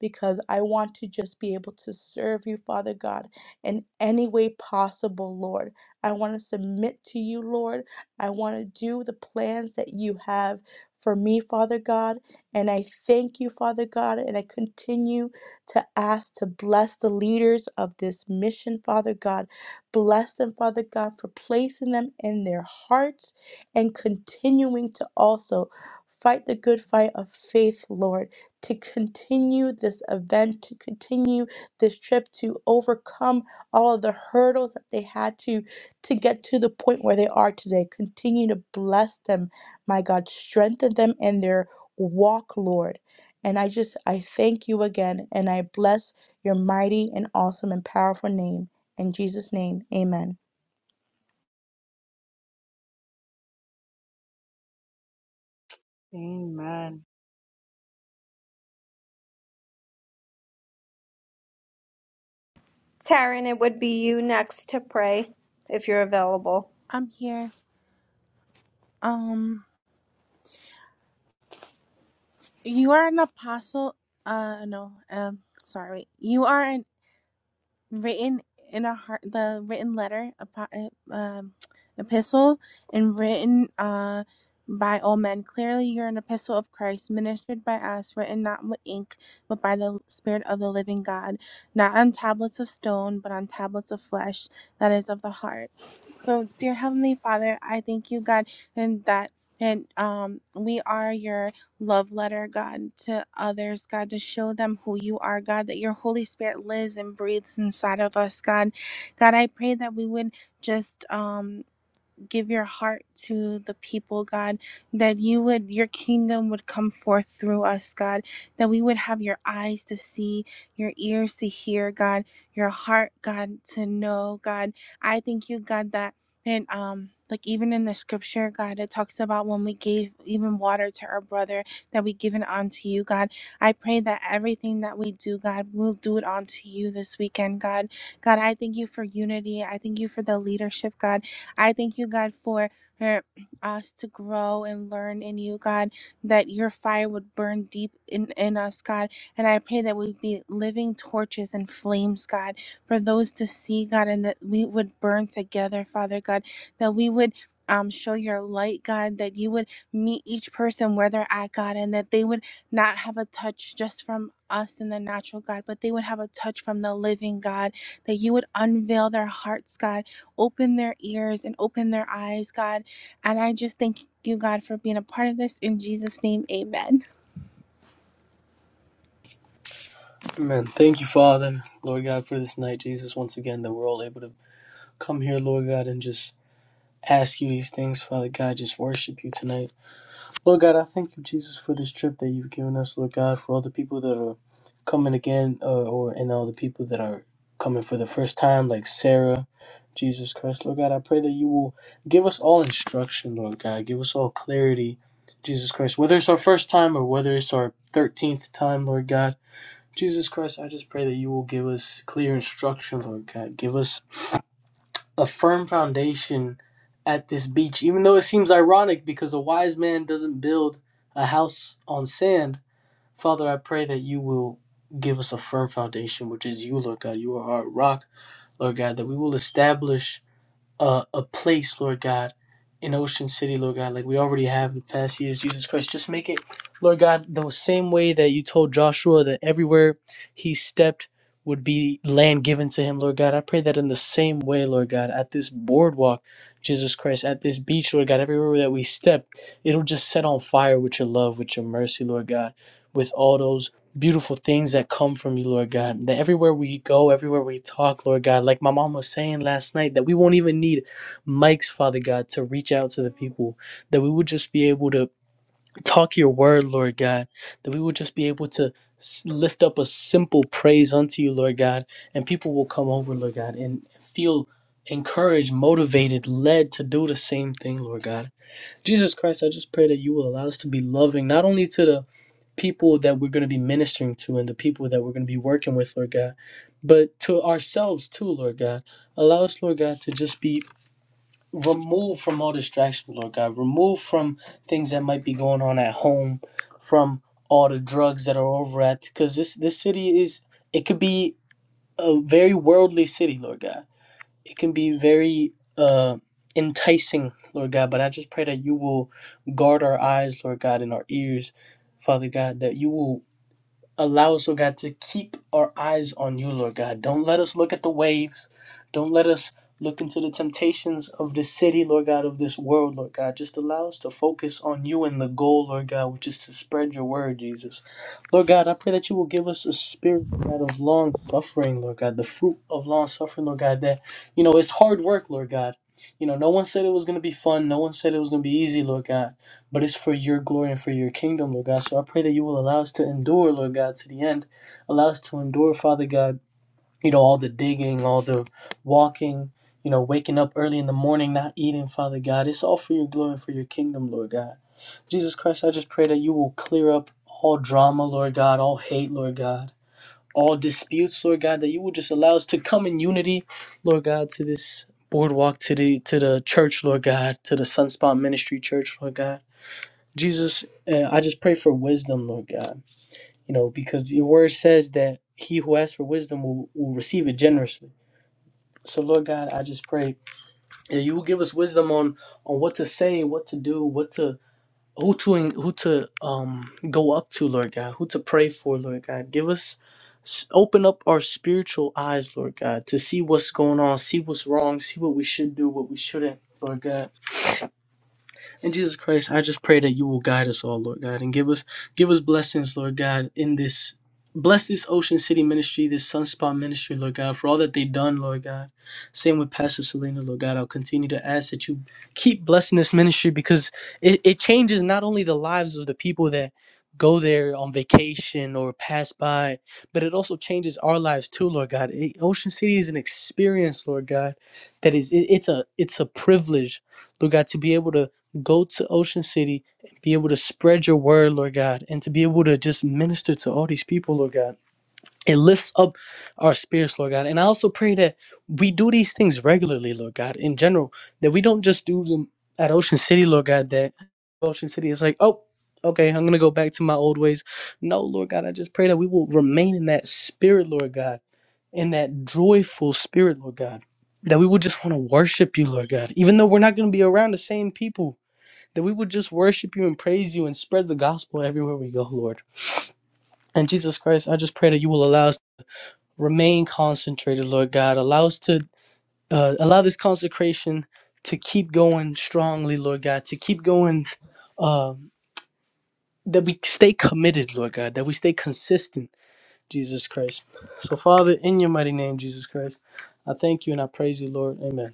[SPEAKER 6] because I want to just be able to serve you, Father God, in any way possible, Lord. I want to submit to you, Lord. I want to do the plans that you have for me, Father God. And I thank you, Father God, and I continue to ask to bless the leaders of this mission, Father God. Bless them, Father God, for placing them in their hearts and continuing to also fight the good fight of faith, Lord, to continue this event, to continue this trip, to overcome all of the hurdles that they had to to get to the point where they are today. Continue to bless them, my God. Strengthen them in their walk, Lord and I just, I thank you again and I bless your mighty and awesome and powerful name. In Jesus' name, amen.
[SPEAKER 2] Amen.
[SPEAKER 7] Taryn, it would be you next to pray if you're available.
[SPEAKER 8] I'm here. Um, you are an apostle. Uh, no. Um, sorry. You are an, written in a heart. The written letter, apo- uh, um, epistle, and written uh by all men. Clearly, you're an epistle of Christ, ministered by us, written not with ink, but by the Spirit of the living God, not on tablets of stone, but on tablets of flesh, that is of the heart. So, dear Heavenly Father, I thank you, God, and that and um we are your love letter, God, to others, God, to show them who you are, God, that your Holy Spirit lives and breathes inside of us, God. God, I pray that we would just um give your heart to the people, God, that you would, your kingdom would come forth through us, God, that we would have your eyes to see, your ears to hear, God, your heart, God, to know, God. I thank you, God, that, and, um, like even in the scripture, God, it talks about when we gave even water to our brother that we give given unto you, God. I pray that everything that we do, God, we'll do it unto you this weekend, God. God, I thank you for unity. I thank you for the leadership, God. I thank you, God, for for us to grow and learn in you, God, that your fire would burn deep in, in us, God. And I pray that we be living torches and flames, God, for those to see, God, and that we would burn together, Father God, that we would um, show your light, God, that you would meet each person where they're at, God, and that they would not have a touch just from us in the natural, God, but they would have a touch from the living God, that you would unveil their hearts, God, Open their ears and open their eyes, God. And I just thank you, God, for being a part of this. In Jesus' name, amen.
[SPEAKER 9] Amen. Thank you, Father, Lord God, for this night, Jesus, once again, that we're all able to come here, Lord God, and just ask you these things, Father God, just worship you tonight. Lord God, I thank you, Jesus, for this trip that you've given us, Lord God, for all the people that are coming again, uh, or and all the people that are coming for the first time, like Sarah, Jesus Christ, Lord God, I pray that you will give us all instruction, Lord God, give us all clarity, Jesus Christ, whether it's our first time or whether it's our 13th time, Lord God. Jesus Christ, I just pray that you will give us clear instruction, Lord God. Give us a firm foundation at this beach, even though it seems ironic because a wise man doesn't build a house on sand. Father, I pray that you will give us a firm foundation, which is you, Lord God. You are our rock, Lord God, that we will establish a, a place, Lord God, in Ocean City, Lord God, like we already have the past years, Jesus Christ. Just make it, Lord God, the same way that you told Joshua that everywhere he stepped would be land given to him, Lord God. I pray that in the same way, Lord God, at this boardwalk, Jesus Christ, at this beach, Lord God, everywhere that we step, it'll just set on fire with your love, with your mercy, Lord God, with all those beautiful things that come from you, Lord God. That everywhere we go, everywhere we talk, Lord God, like my mom was saying last night, that we won't even need mics, Father God, to reach out to the people. That we would just be able to talk your word, Lord God. That we would just be able to s- lift up a simple praise unto you, Lord God, and people will come over, Lord God, and feel encouraged, motivated, led to do the same thing, Lord God. Jesus Christ, I just pray that you will allow us to be loving, not only to the people that we're going to be ministering to and the people that we're going to be working with, Lord God, but to ourselves too, Lord God. Allow us, Lord God, to just be removed from all distractions, Lord God. Remove from things that might be going on at home, from all the drugs that are over at, because this this city is it could be a very worldly city, Lord God. It can be very uh, enticing, Lord God. But I just pray that you will guard our eyes, Lord God, and our ears, Father God, that you will allow us, Lord God, to keep our eyes on you, Lord God. Don't let us look at the waves. Don't let us look into the temptations of this city, Lord God, of this world, Lord God. Just allow us to focus on you and the goal, Lord God, which is to spread your word, Jesus. Lord God, I pray that you will give us a spirit, Lord God, of long suffering, Lord God, the fruit of long suffering, Lord God, that, you know, it's hard work, Lord God. You know, no one said it was going to be fun. No one said it was going to be easy, Lord God but it's for your glory and for your kingdom, Lord God. So I pray that you will allow us to endure, Lord God, to the end. Allow us to endure, Father God, you know, all the digging, all the walking, you know, waking up early in the morning, not eating, Father God. It's all for your glory and for your kingdom, Lord God. Jesus Christ, I just pray that you will clear up all drama, Lord God, all hate, Lord God, all disputes, Lord God, that you will just allow us to come in unity, Lord God, to this boardwalk, to the to the church, Lord God, to the Sunspot Ministry Church, Lord God. Jesus, uh, I just pray for wisdom, Lord God. You know, because your word says that he who asks for wisdom will, will receive it generously. So, Lord God, I just pray that you will give us wisdom on on what to say, what to do, what to who to who to um go up to, Lord God, who to pray for, Lord God. Give us s- open up our spiritual eyes, Lord God, to see what's going on, see what's wrong, see what we should do, what we shouldn't, Lord God. And Jesus Christ, I just pray that you will guide us all, Lord God, and give us give us blessings, Lord God, in this bless this Ocean City ministry, this Sunspot ministry, Lord God, for all that they've done, Lord God. Same with Pastor Selena, Lord God. I'll continue to ask that you keep blessing this ministry because it, it changes not only the lives of the people that go there on vacation or pass by, but it also changes our lives too, Lord God. It- Ocean City is an experience, Lord God, that is it, it's a it's a privilege, Lord God, to be able to go to Ocean City and be able to spread your word, Lord God, and to be able to just minister to all these people, Lord God. It lifts up our spirits, Lord God. And I also pray that we do these things regularly, Lord God, in general, that we don't just do them at Ocean City, Lord God, that Ocean City is like, oh, okay, I'm going to go back to my old ways. No, Lord God, I just pray that we will remain in that spirit, Lord God, in that joyful spirit, Lord God. That we will just want to worship you, Lord God, even though we're not going to be around the same people that we would just worship you and praise you and spread the gospel everywhere we go, Lord. And Jesus Christ, I just pray that you will allow us to remain concentrated, Lord God. Allow us to uh, allow this consecration to keep going strongly, Lord God, to keep going, um, that we stay committed, Lord God, that we stay consistent, Jesus Christ. So, Father, in your mighty name, Jesus Christ, I thank you and I praise you, Lord. Amen.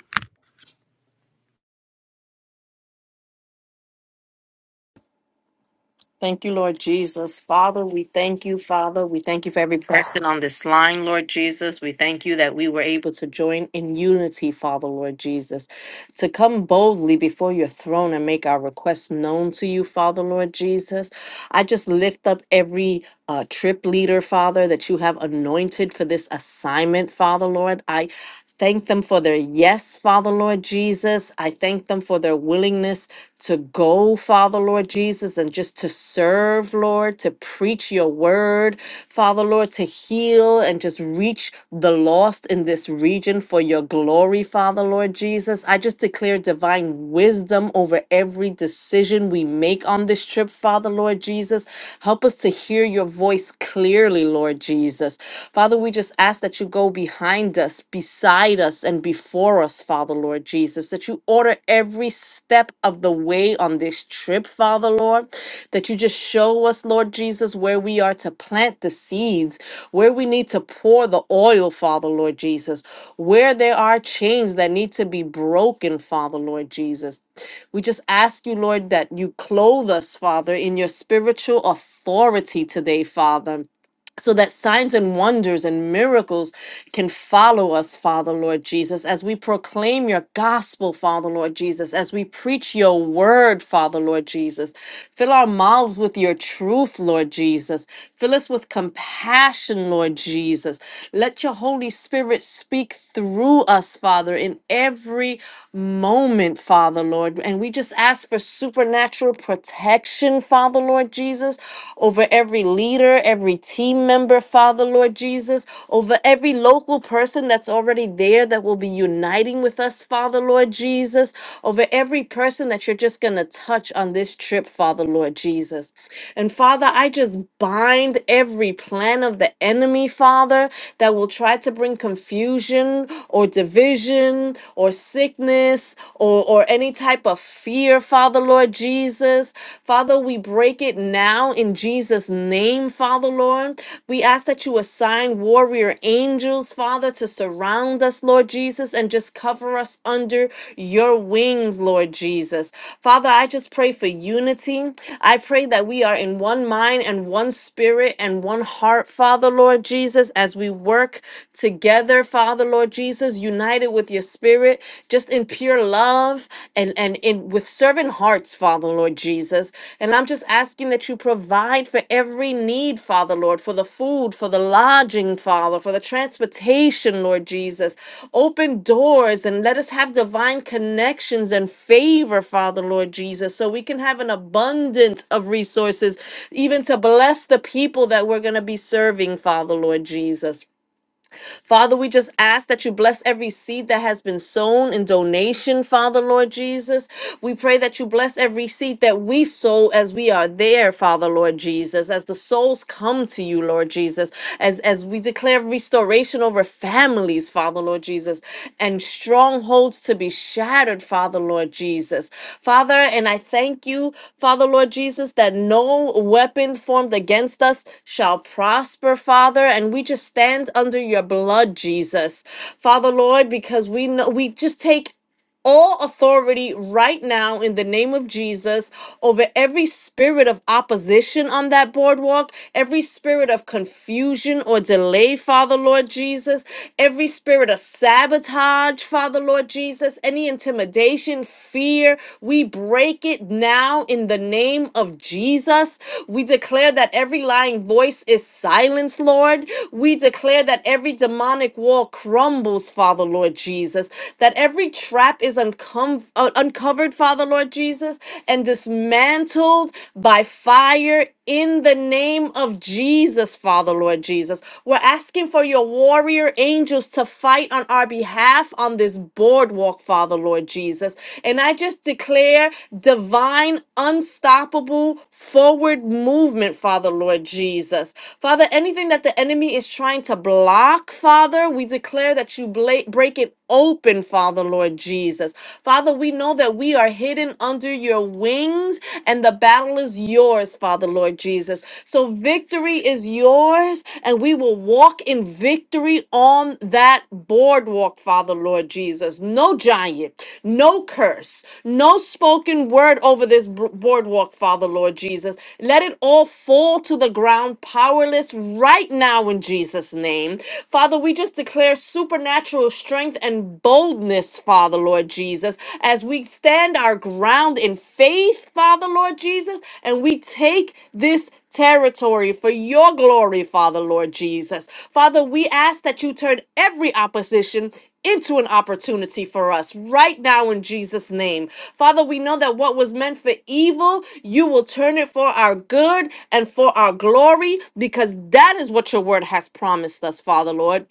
[SPEAKER 10] Thank you, Lord Jesus. Father, we thank you, Father. We thank you for every person on this line, Lord Jesus. We thank you that we were able to join in unity, Father, Lord Jesus, to come boldly before your throne and make our requests known to you, Father, Lord Jesus. I just lift up every uh, trip leader, Father, that you have anointed for this assignment, Father, Lord. I Thank them for their yes, Father Lord Jesus. I thank them for their willingness to go, Father Lord Jesus, and just to serve, Lord, to preach your word, Father Lord, to heal and just reach the lost in this region for your glory, Father Lord Jesus. I just declare divine wisdom over every decision we make on this trip, Father Lord Jesus. Help us to hear your voice clearly, Lord Jesus. Father, we just just ask that you go behind us, beside us, and before us, Father Lord Jesus, that you order every step of the way on this trip, Father Lord, that you just show us, Lord Jesus, where we are to plant the seeds, where we need to pour the oil, Father Lord Jesus, where there are chains that need to be broken, Father Lord Jesus. We just ask you, Lord, that you clothe us, Father, in your spiritual authority today, Father so that signs and wonders and miracles can follow us, Father Lord Jesus, as we proclaim your gospel, Father Lord Jesus, as we preach your word, Father Lord Jesus. Fill our mouths with your truth, Lord Jesus. Fill us with compassion, Lord Jesus. Let your Holy Spirit speak through us, Father, in every moment, Father Lord. And we just ask for supernatural protection, Father. Father Lord Jesus, over every leader, every team member, Father Lord Jesus, over every local person that's already there that will be uniting with us, Father Lord Jesus, over every person that you're just going to touch on this trip, Father Lord Jesus. And Father, I just bind every plan of the enemy, Father, that will try to bring confusion or division or sickness or, or any type of fear, Father Lord Jesus. Father, we break it now in Jesus' name, Father Lord. We ask that you assign warrior angels, Father, to surround us, Lord Jesus, and just cover us under your wings, Lord Jesus. Father, I just pray for unity. I pray that we are in one mind and one spirit and one heart, Father, Lord Jesus, as we work together, Father, Lord Jesus, united with with your spirit, just in pure love and and in with servant hearts, Father Lord Jesus. And I'm just asking that you provide for every need, Father Lord, for the food, for the lodging, Father, for the transportation, Lord Jesus. Open doors and let us have divine connections and favor, Father Lord Jesus, so we can have an abundance of resources, even to bless the people that we're going to be serving, Father Lord Jesus. Father, we just ask that you bless every seed that has been sown in donation, Father, Lord Jesus. We pray that you bless every seed that we sow as we are there, Father, Lord Jesus, as the souls come to you, Lord Jesus, as, as we declare restoration over families, Father, Lord Jesus. Jesus, and strongholds to be shattered, Father, Lord Jesus. Father, and I thank you, Father, Lord Jesus, that no weapon formed against us shall prosper, Father, and we just stand under your blood, Jesus. Father, Lord, because we know we just take all authority right now in the name of Jesus over every spirit of opposition on that boardwalk, every spirit of confusion or delay, Father Lord Jesus, every spirit of sabotage, Father Lord Jesus, any intimidation, fear, we break it now in the name of Jesus. We declare that every lying voice is silenced, Lord. We declare that every demonic wall crumbles, Father Lord Jesus that that every trap is uncom- uh, uncovered, Father Lord Jesus, and dismantled by fire in the name of Jesus, Father Lord Jesus. We're asking for your warrior angels to fight on our behalf on this boardwalk, Father Lord Jesus. And I just declare divine, unstoppable forward movement, Father Lord Jesus. Father, anything that the enemy is trying to block, Father, we declare that you bla- break Break it open, Father, Lord Jesus. Father, we know that we are hidden under your wings and the battle is yours, Father, Lord Jesus. So victory is yours and we will walk in victory on that boardwalk, Father, Lord Jesus. No giant, no curse, no spoken word over this b- boardwalk, Father, Lord Jesus. Let it all fall to the ground powerless right now in Jesus' name. Father, we just declare supernatural strength and boldness, Father Lord Jesus, as we stand our ground in faith, Father Lord Jesus, and we take this territory for your glory, Father Lord Jesus. Father, we ask that you turn every opposition into an opportunity for us right now in Jesus' name. Father, we know that what was meant for evil, you will turn it for our good and for our glory because that is what your word has promised us, Father Lord.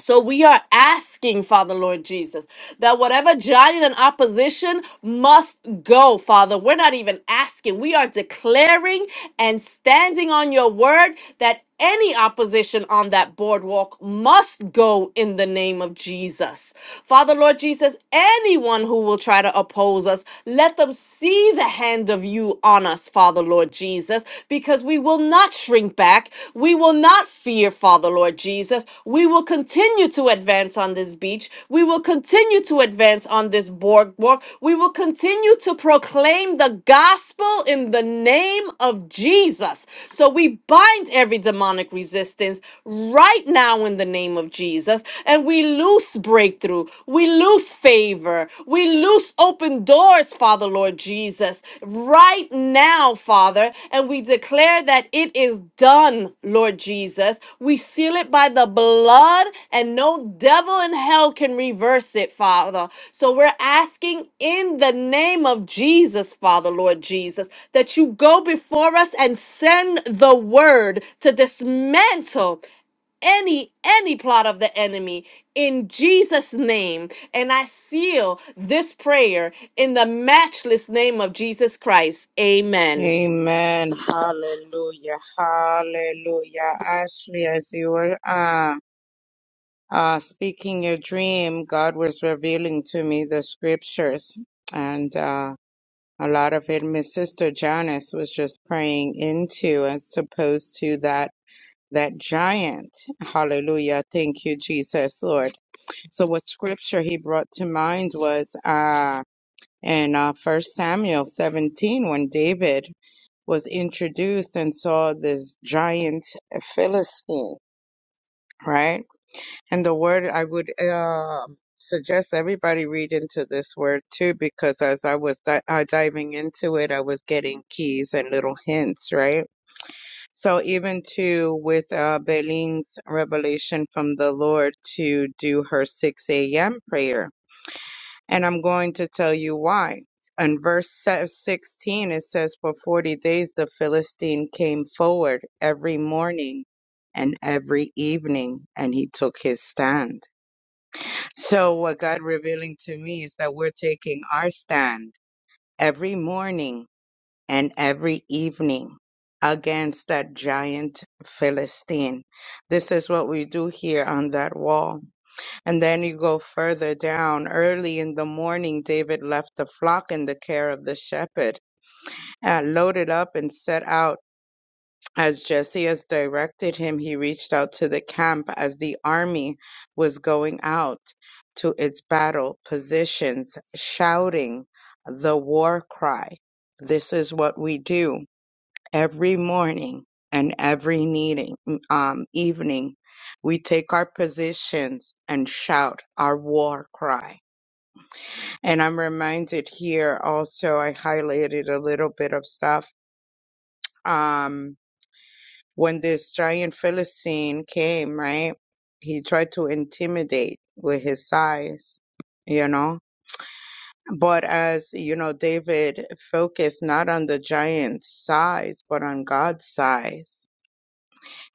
[SPEAKER 10] So we are asking, Father Lord Jesus, that whatever giant and opposition must go, Father. We're not even asking. We are declaring and standing on your word that any opposition on that boardwalk must go in the name of Jesus. Father Lord Jesus, anyone who will try to oppose us, let them see the hand of you on us, Father Lord Jesus. Jesus, because we will not shrink back. We will not fear, Father, Lord Jesus. We will continue to advance on this beach. We will continue to advance on this boardwalk. We will continue to proclaim the gospel in the name of Jesus. So we bind every demonic resistance right now in the name of Jesus, and we loose breakthrough. We loose favor. Father. We loose open doors, Father, Lord Jesus, right now, Father, and we declare that it is done, Lord Jesus. We seal it by the blood, and no devil in hell can reverse it, Father. So we're asking in the name of Jesus, Father, Lord Jesus, that you go before us and send the word to dismantle any any plot of the enemy in Jesus name and I seal this prayer in the matchless name of Jesus Christ amen
[SPEAKER 2] Amen. Hallelujah. Hallelujah. Ashley, as you were uh, uh, speaking your dream, God was revealing to me the scriptures. And uh, a lot of it, my sister Janice was just praying into as opposed to that that giant. Hallelujah. Thank you, Jesus, Lord. So what scripture he brought to mind was uh, in uh, 1 Samuel 17 when David was introduced and saw this giant Philistine, right? And the word I would uh, suggest everybody read into this word too, because as I was di- uh, diving into it, I was getting keys and little hints, right? So even too with uh, Belin's revelation from the Lord to do her 6 a.m. prayer and I'm going to tell you why. In verse se- 16, it says, For 40 days the Philistine came forward every morning and every evening, and he took his stand. So, what God revealing to me is that we're taking our stand every morning and every evening against that giant Philistine. This is what we do here on that wall and then you go further down. Early in the morning, David left the flock in the care of the shepherd, and loaded up and set out. As Jesse has directed him, he reached out to the camp as the army was going out to its battle positions, shouting the war cry. This is what we do every morning and every meeting, um, evening, we take our positions and shout our war cry. And I'm reminded here also, I highlighted a little bit of stuff. Um, when this giant Philistine came, right, he tried to intimidate with his size, you know. But as you know, David focused not on the giant's size, but on God's size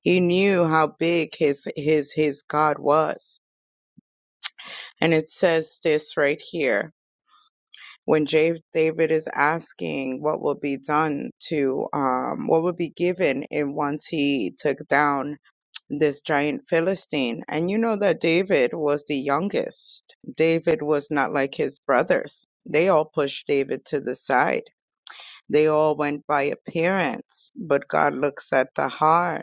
[SPEAKER 2] He knew how big his his his God was. And it says this right here when Ja- David is asking what will be done to um what will be given in once he took down this giant Philistine. And you know that David was the youngest. David was not like his brothers. They all pushed David to the side. They all went by appearance, but God looks at the heart.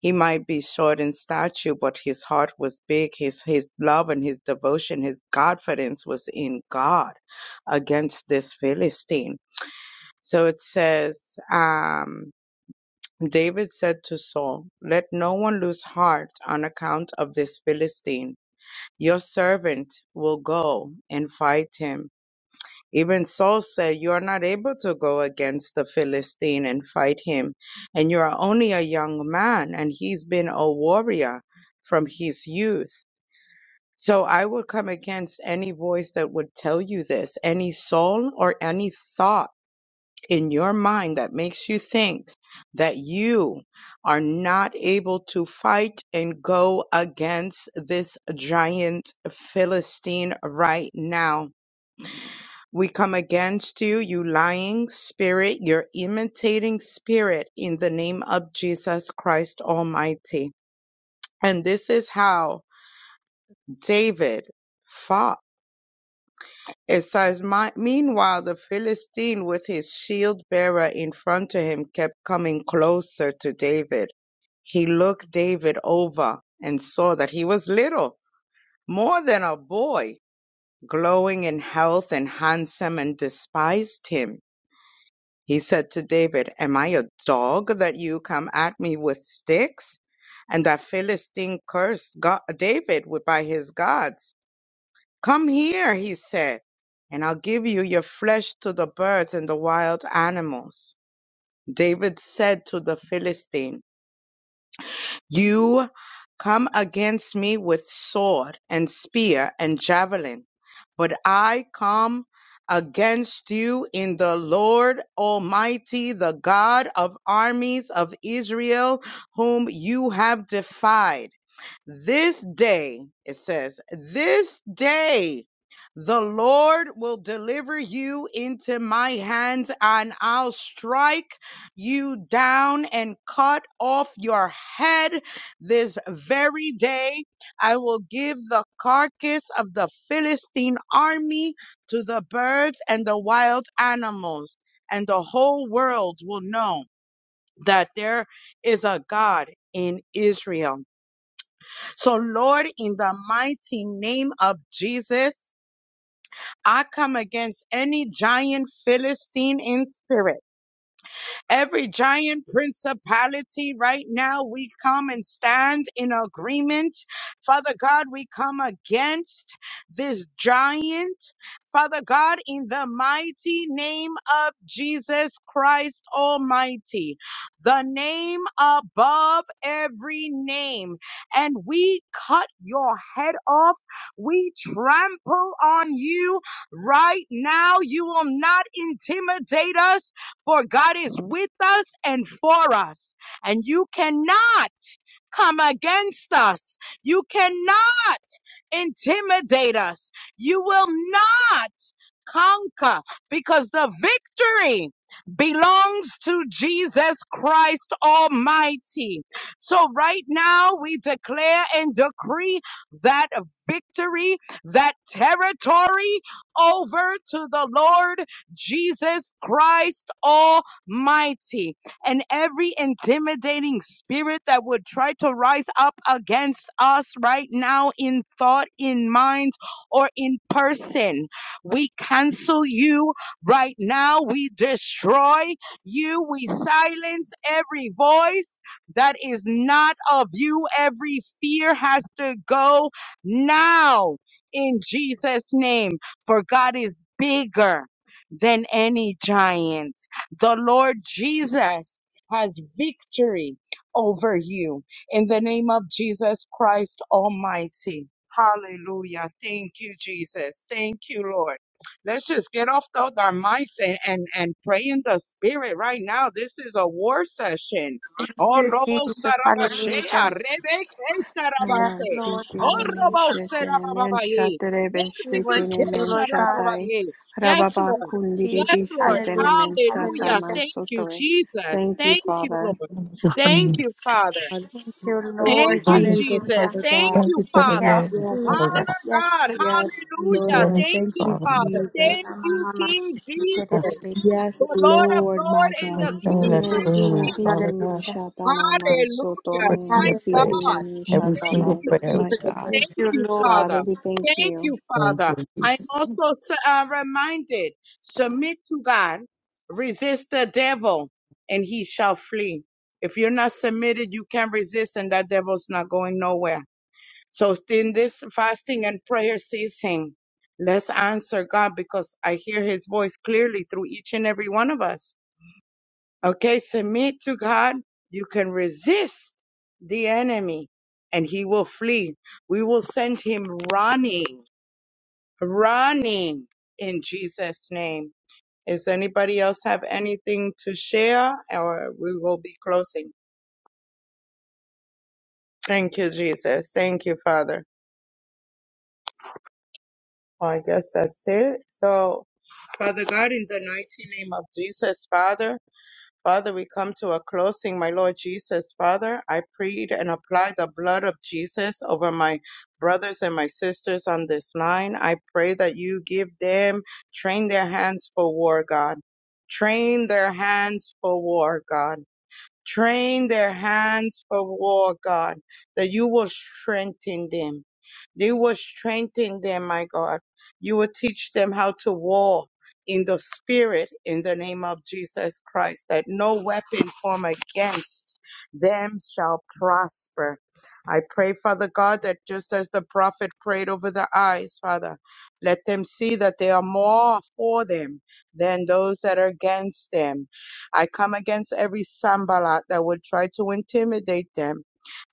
[SPEAKER 2] He might be short in stature, but his heart was big. His, his love and his devotion, his confidence was in God against this Philistine. So it says, um, David said to Saul, Let no one lose heart on account of this Philistine. Your servant will go and fight him even Saul said, You are not able to go against the Philistine and fight him, and you are only a young man, and he's been a warrior from his youth. So I would come against any voice that would tell you this, any soul or any thought in your mind that makes you think that you are not able to fight and go against this giant Philistine right now we come against you, you lying spirit, your imitating spirit, in the name of Jesus Christ Almighty. And this is how David fought. It says, "My- Meanwhile, the Philistine with his shield bearer in front of him kept coming closer to David. He looked David over and saw that he was little, more than a boy, glowing in health and handsome, and despised him. He said to David, Am I a dog that you come at me with sticks? And that Philistine cursed God, David with, by his gods. Come here, he said, and I'll give you your flesh to the birds and the wild animals. David said to the Philistine, you come against me with sword and spear and javelin, but I come against you in the Lord Almighty, the God of armies of Israel, whom you have defied. This day, it says, this day the Lord will deliver you into my hands and I'll strike you down and cut off your head this very day. I will give the carcass of the Philistine army to the birds and the wild animals, and the whole world will know that there is a God in Israel. So, Lord, in the mighty name of Jesus, I come against any giant Philistine in spirit Every giant principality right now, we come and stand in agreement. Father God, we come against this giant. Father God, in the mighty name of Jesus Christ Almighty, the name above every name. And we cut your head off. We trample on you right now. You will not intimidate us for God is with us and for us. And you cannot come against us. You cannot intimidate us. You will not conquer because the victory belongs to Jesus Christ Almighty. So right now we declare and decree that victory, that territory over to the Lord Jesus Christ Almighty. And every intimidating spirit that would try to rise up against us right now in thought, in mind, or in person we cancel you right now. We destroy you. We silence every voice that is not of you. Every fear has to go now in Jesus' name, for God is bigger than any giant. The Lord Jesus has victory over you in the name of Jesus Christ Almighty. Hallelujah. Thank you, Jesus. Thank you, Lord. Let's just get off the, our mics and, and, and pray in the spirit right now. This is a war session. Oh, Robo Sarabashea, Rebeke
[SPEAKER 5] Yes,
[SPEAKER 2] Sarabase.
[SPEAKER 5] Lord.
[SPEAKER 2] Oh,
[SPEAKER 5] Hallelujah.
[SPEAKER 7] Namansitini
[SPEAKER 2] Robo
[SPEAKER 7] Shetini
[SPEAKER 2] Sarababaye,
[SPEAKER 7] Manshatare
[SPEAKER 5] We worship
[SPEAKER 7] Beshetini
[SPEAKER 2] Rebeke
[SPEAKER 5] you, Lord God.
[SPEAKER 7] Manshatai
[SPEAKER 2] Sarabababaye. Yes,
[SPEAKER 7] Rababa
[SPEAKER 5] Thank
[SPEAKER 2] Lord.
[SPEAKER 5] you,
[SPEAKER 7] Kundiri
[SPEAKER 2] Yes,
[SPEAKER 5] Jesus.
[SPEAKER 2] Lord.
[SPEAKER 5] Hallelujah.
[SPEAKER 7] Bishetini Manshata
[SPEAKER 5] Hallelujah.
[SPEAKER 2] Hallelujah. Thank you,
[SPEAKER 7] Mansotoi.
[SPEAKER 2] Jesus.
[SPEAKER 7] Thank you,
[SPEAKER 2] Thank you,
[SPEAKER 7] Father.
[SPEAKER 2] Lord.
[SPEAKER 3] Thank
[SPEAKER 2] Thank you, Father.
[SPEAKER 5] Thank you,
[SPEAKER 6] Thank
[SPEAKER 5] Lord.
[SPEAKER 6] you,
[SPEAKER 2] Thank you,
[SPEAKER 6] Jesus,
[SPEAKER 5] Hallelujah.
[SPEAKER 2] Jesus.
[SPEAKER 6] Father
[SPEAKER 2] Thank
[SPEAKER 6] God.
[SPEAKER 3] you
[SPEAKER 2] you,
[SPEAKER 3] for the
[SPEAKER 2] Father.
[SPEAKER 5] Yes,
[SPEAKER 3] unity,
[SPEAKER 6] Yes,
[SPEAKER 3] Father
[SPEAKER 5] Jesus.
[SPEAKER 3] God.
[SPEAKER 2] Father
[SPEAKER 5] Yes,
[SPEAKER 2] God,
[SPEAKER 5] Jesus.
[SPEAKER 6] yes,
[SPEAKER 3] The
[SPEAKER 2] hallelujah.
[SPEAKER 6] Lord.
[SPEAKER 3] Unity,
[SPEAKER 2] Thank
[SPEAKER 6] Thank
[SPEAKER 2] you,
[SPEAKER 6] you,
[SPEAKER 3] Father.
[SPEAKER 2] Father. Thank
[SPEAKER 6] Jesus.
[SPEAKER 2] you, King Jesus,
[SPEAKER 6] Yes,
[SPEAKER 2] the Lord of
[SPEAKER 6] Lord, my
[SPEAKER 2] Lords and
[SPEAKER 3] We
[SPEAKER 2] the
[SPEAKER 6] God.
[SPEAKER 3] stand in
[SPEAKER 2] King
[SPEAKER 5] Thank
[SPEAKER 3] that
[SPEAKER 5] you,
[SPEAKER 2] of
[SPEAKER 7] Yemen
[SPEAKER 3] room and
[SPEAKER 5] Jesus.
[SPEAKER 2] Kings.
[SPEAKER 3] Father
[SPEAKER 7] Shitini
[SPEAKER 3] God,
[SPEAKER 5] Hallelujah.
[SPEAKER 7] Mishatana
[SPEAKER 3] just
[SPEAKER 2] Hallelujah,
[SPEAKER 3] pray
[SPEAKER 7] Mansotonum
[SPEAKER 2] my
[SPEAKER 3] that prayer.
[SPEAKER 7] Monsitini
[SPEAKER 5] Hallelujah.
[SPEAKER 2] God,
[SPEAKER 6] Thank
[SPEAKER 3] Every
[SPEAKER 6] you,
[SPEAKER 3] single
[SPEAKER 2] Thank you,
[SPEAKER 6] Jesus,
[SPEAKER 3] prayer, we
[SPEAKER 7] Mishatabaise.
[SPEAKER 6] my
[SPEAKER 2] Jesus.
[SPEAKER 6] God.
[SPEAKER 5] Thank
[SPEAKER 2] Thank
[SPEAKER 5] you,
[SPEAKER 2] you,
[SPEAKER 5] Lord.
[SPEAKER 7] Father,
[SPEAKER 2] Father.
[SPEAKER 7] we thank
[SPEAKER 2] Thank
[SPEAKER 7] you.
[SPEAKER 2] you,
[SPEAKER 3] thank
[SPEAKER 2] Father.
[SPEAKER 3] you,
[SPEAKER 2] I'm
[SPEAKER 3] Jesus.
[SPEAKER 2] also uh, reminded submit to God, resist the devil, and he shall flee. If you're not submitted, you can't resist, and that devil's not going nowhere. So in this fasting and prayer season, let's answer God because I hear his voice clearly through each and every one of us. Okay, submit to God. You can resist the enemy and he will flee. We will send him running, running in Jesus' name. Is anybody else have anything to share or we will be closing? Thank you, Jesus. Thank you, Father. Well, I guess that's it. So Father God, in the mighty name of Jesus, Father, Father, we come to a closing, my Lord Jesus, Father. I plead and apply the blood of Jesus over my brothers and my sisters on this line. I pray that you give them, train their hands for war, God. Train their hands for war, God. Train their hands for war, God, that you will strengthen them. You will strengthen them, my God. You will teach them how to war in the spirit in the name of Jesus Christ, that no weapon formed against them shall prosper. I pray, Father God, that just as the prophet prayed over the eyes, Father, let them see that they are more for them than those that are against them I come against every sambalat that would try to intimidate them.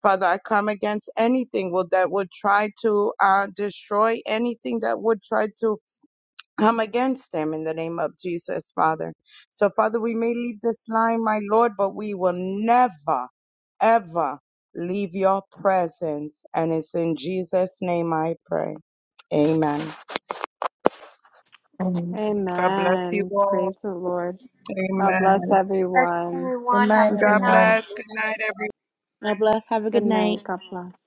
[SPEAKER 2] Father, I come against anything will, that would try to uh, destroy anything that would try to come against them in the name of Jesus, Father. So, Father, we may leave this line, my Lord, but we will never, ever leave your presence. And it's in Jesus' name I pray. Amen. God bless you
[SPEAKER 7] Amen.
[SPEAKER 2] all.
[SPEAKER 7] Praise the Lord. God bless
[SPEAKER 2] Amen.
[SPEAKER 5] Bless
[SPEAKER 7] everyone.
[SPEAKER 3] Good
[SPEAKER 5] everyone. Have
[SPEAKER 3] night,
[SPEAKER 5] a good
[SPEAKER 2] God
[SPEAKER 3] everyone.
[SPEAKER 5] night.
[SPEAKER 2] bless. Good night, everyone.
[SPEAKER 6] God bless. Have a good
[SPEAKER 7] Good
[SPEAKER 6] night.
[SPEAKER 7] night. God bless.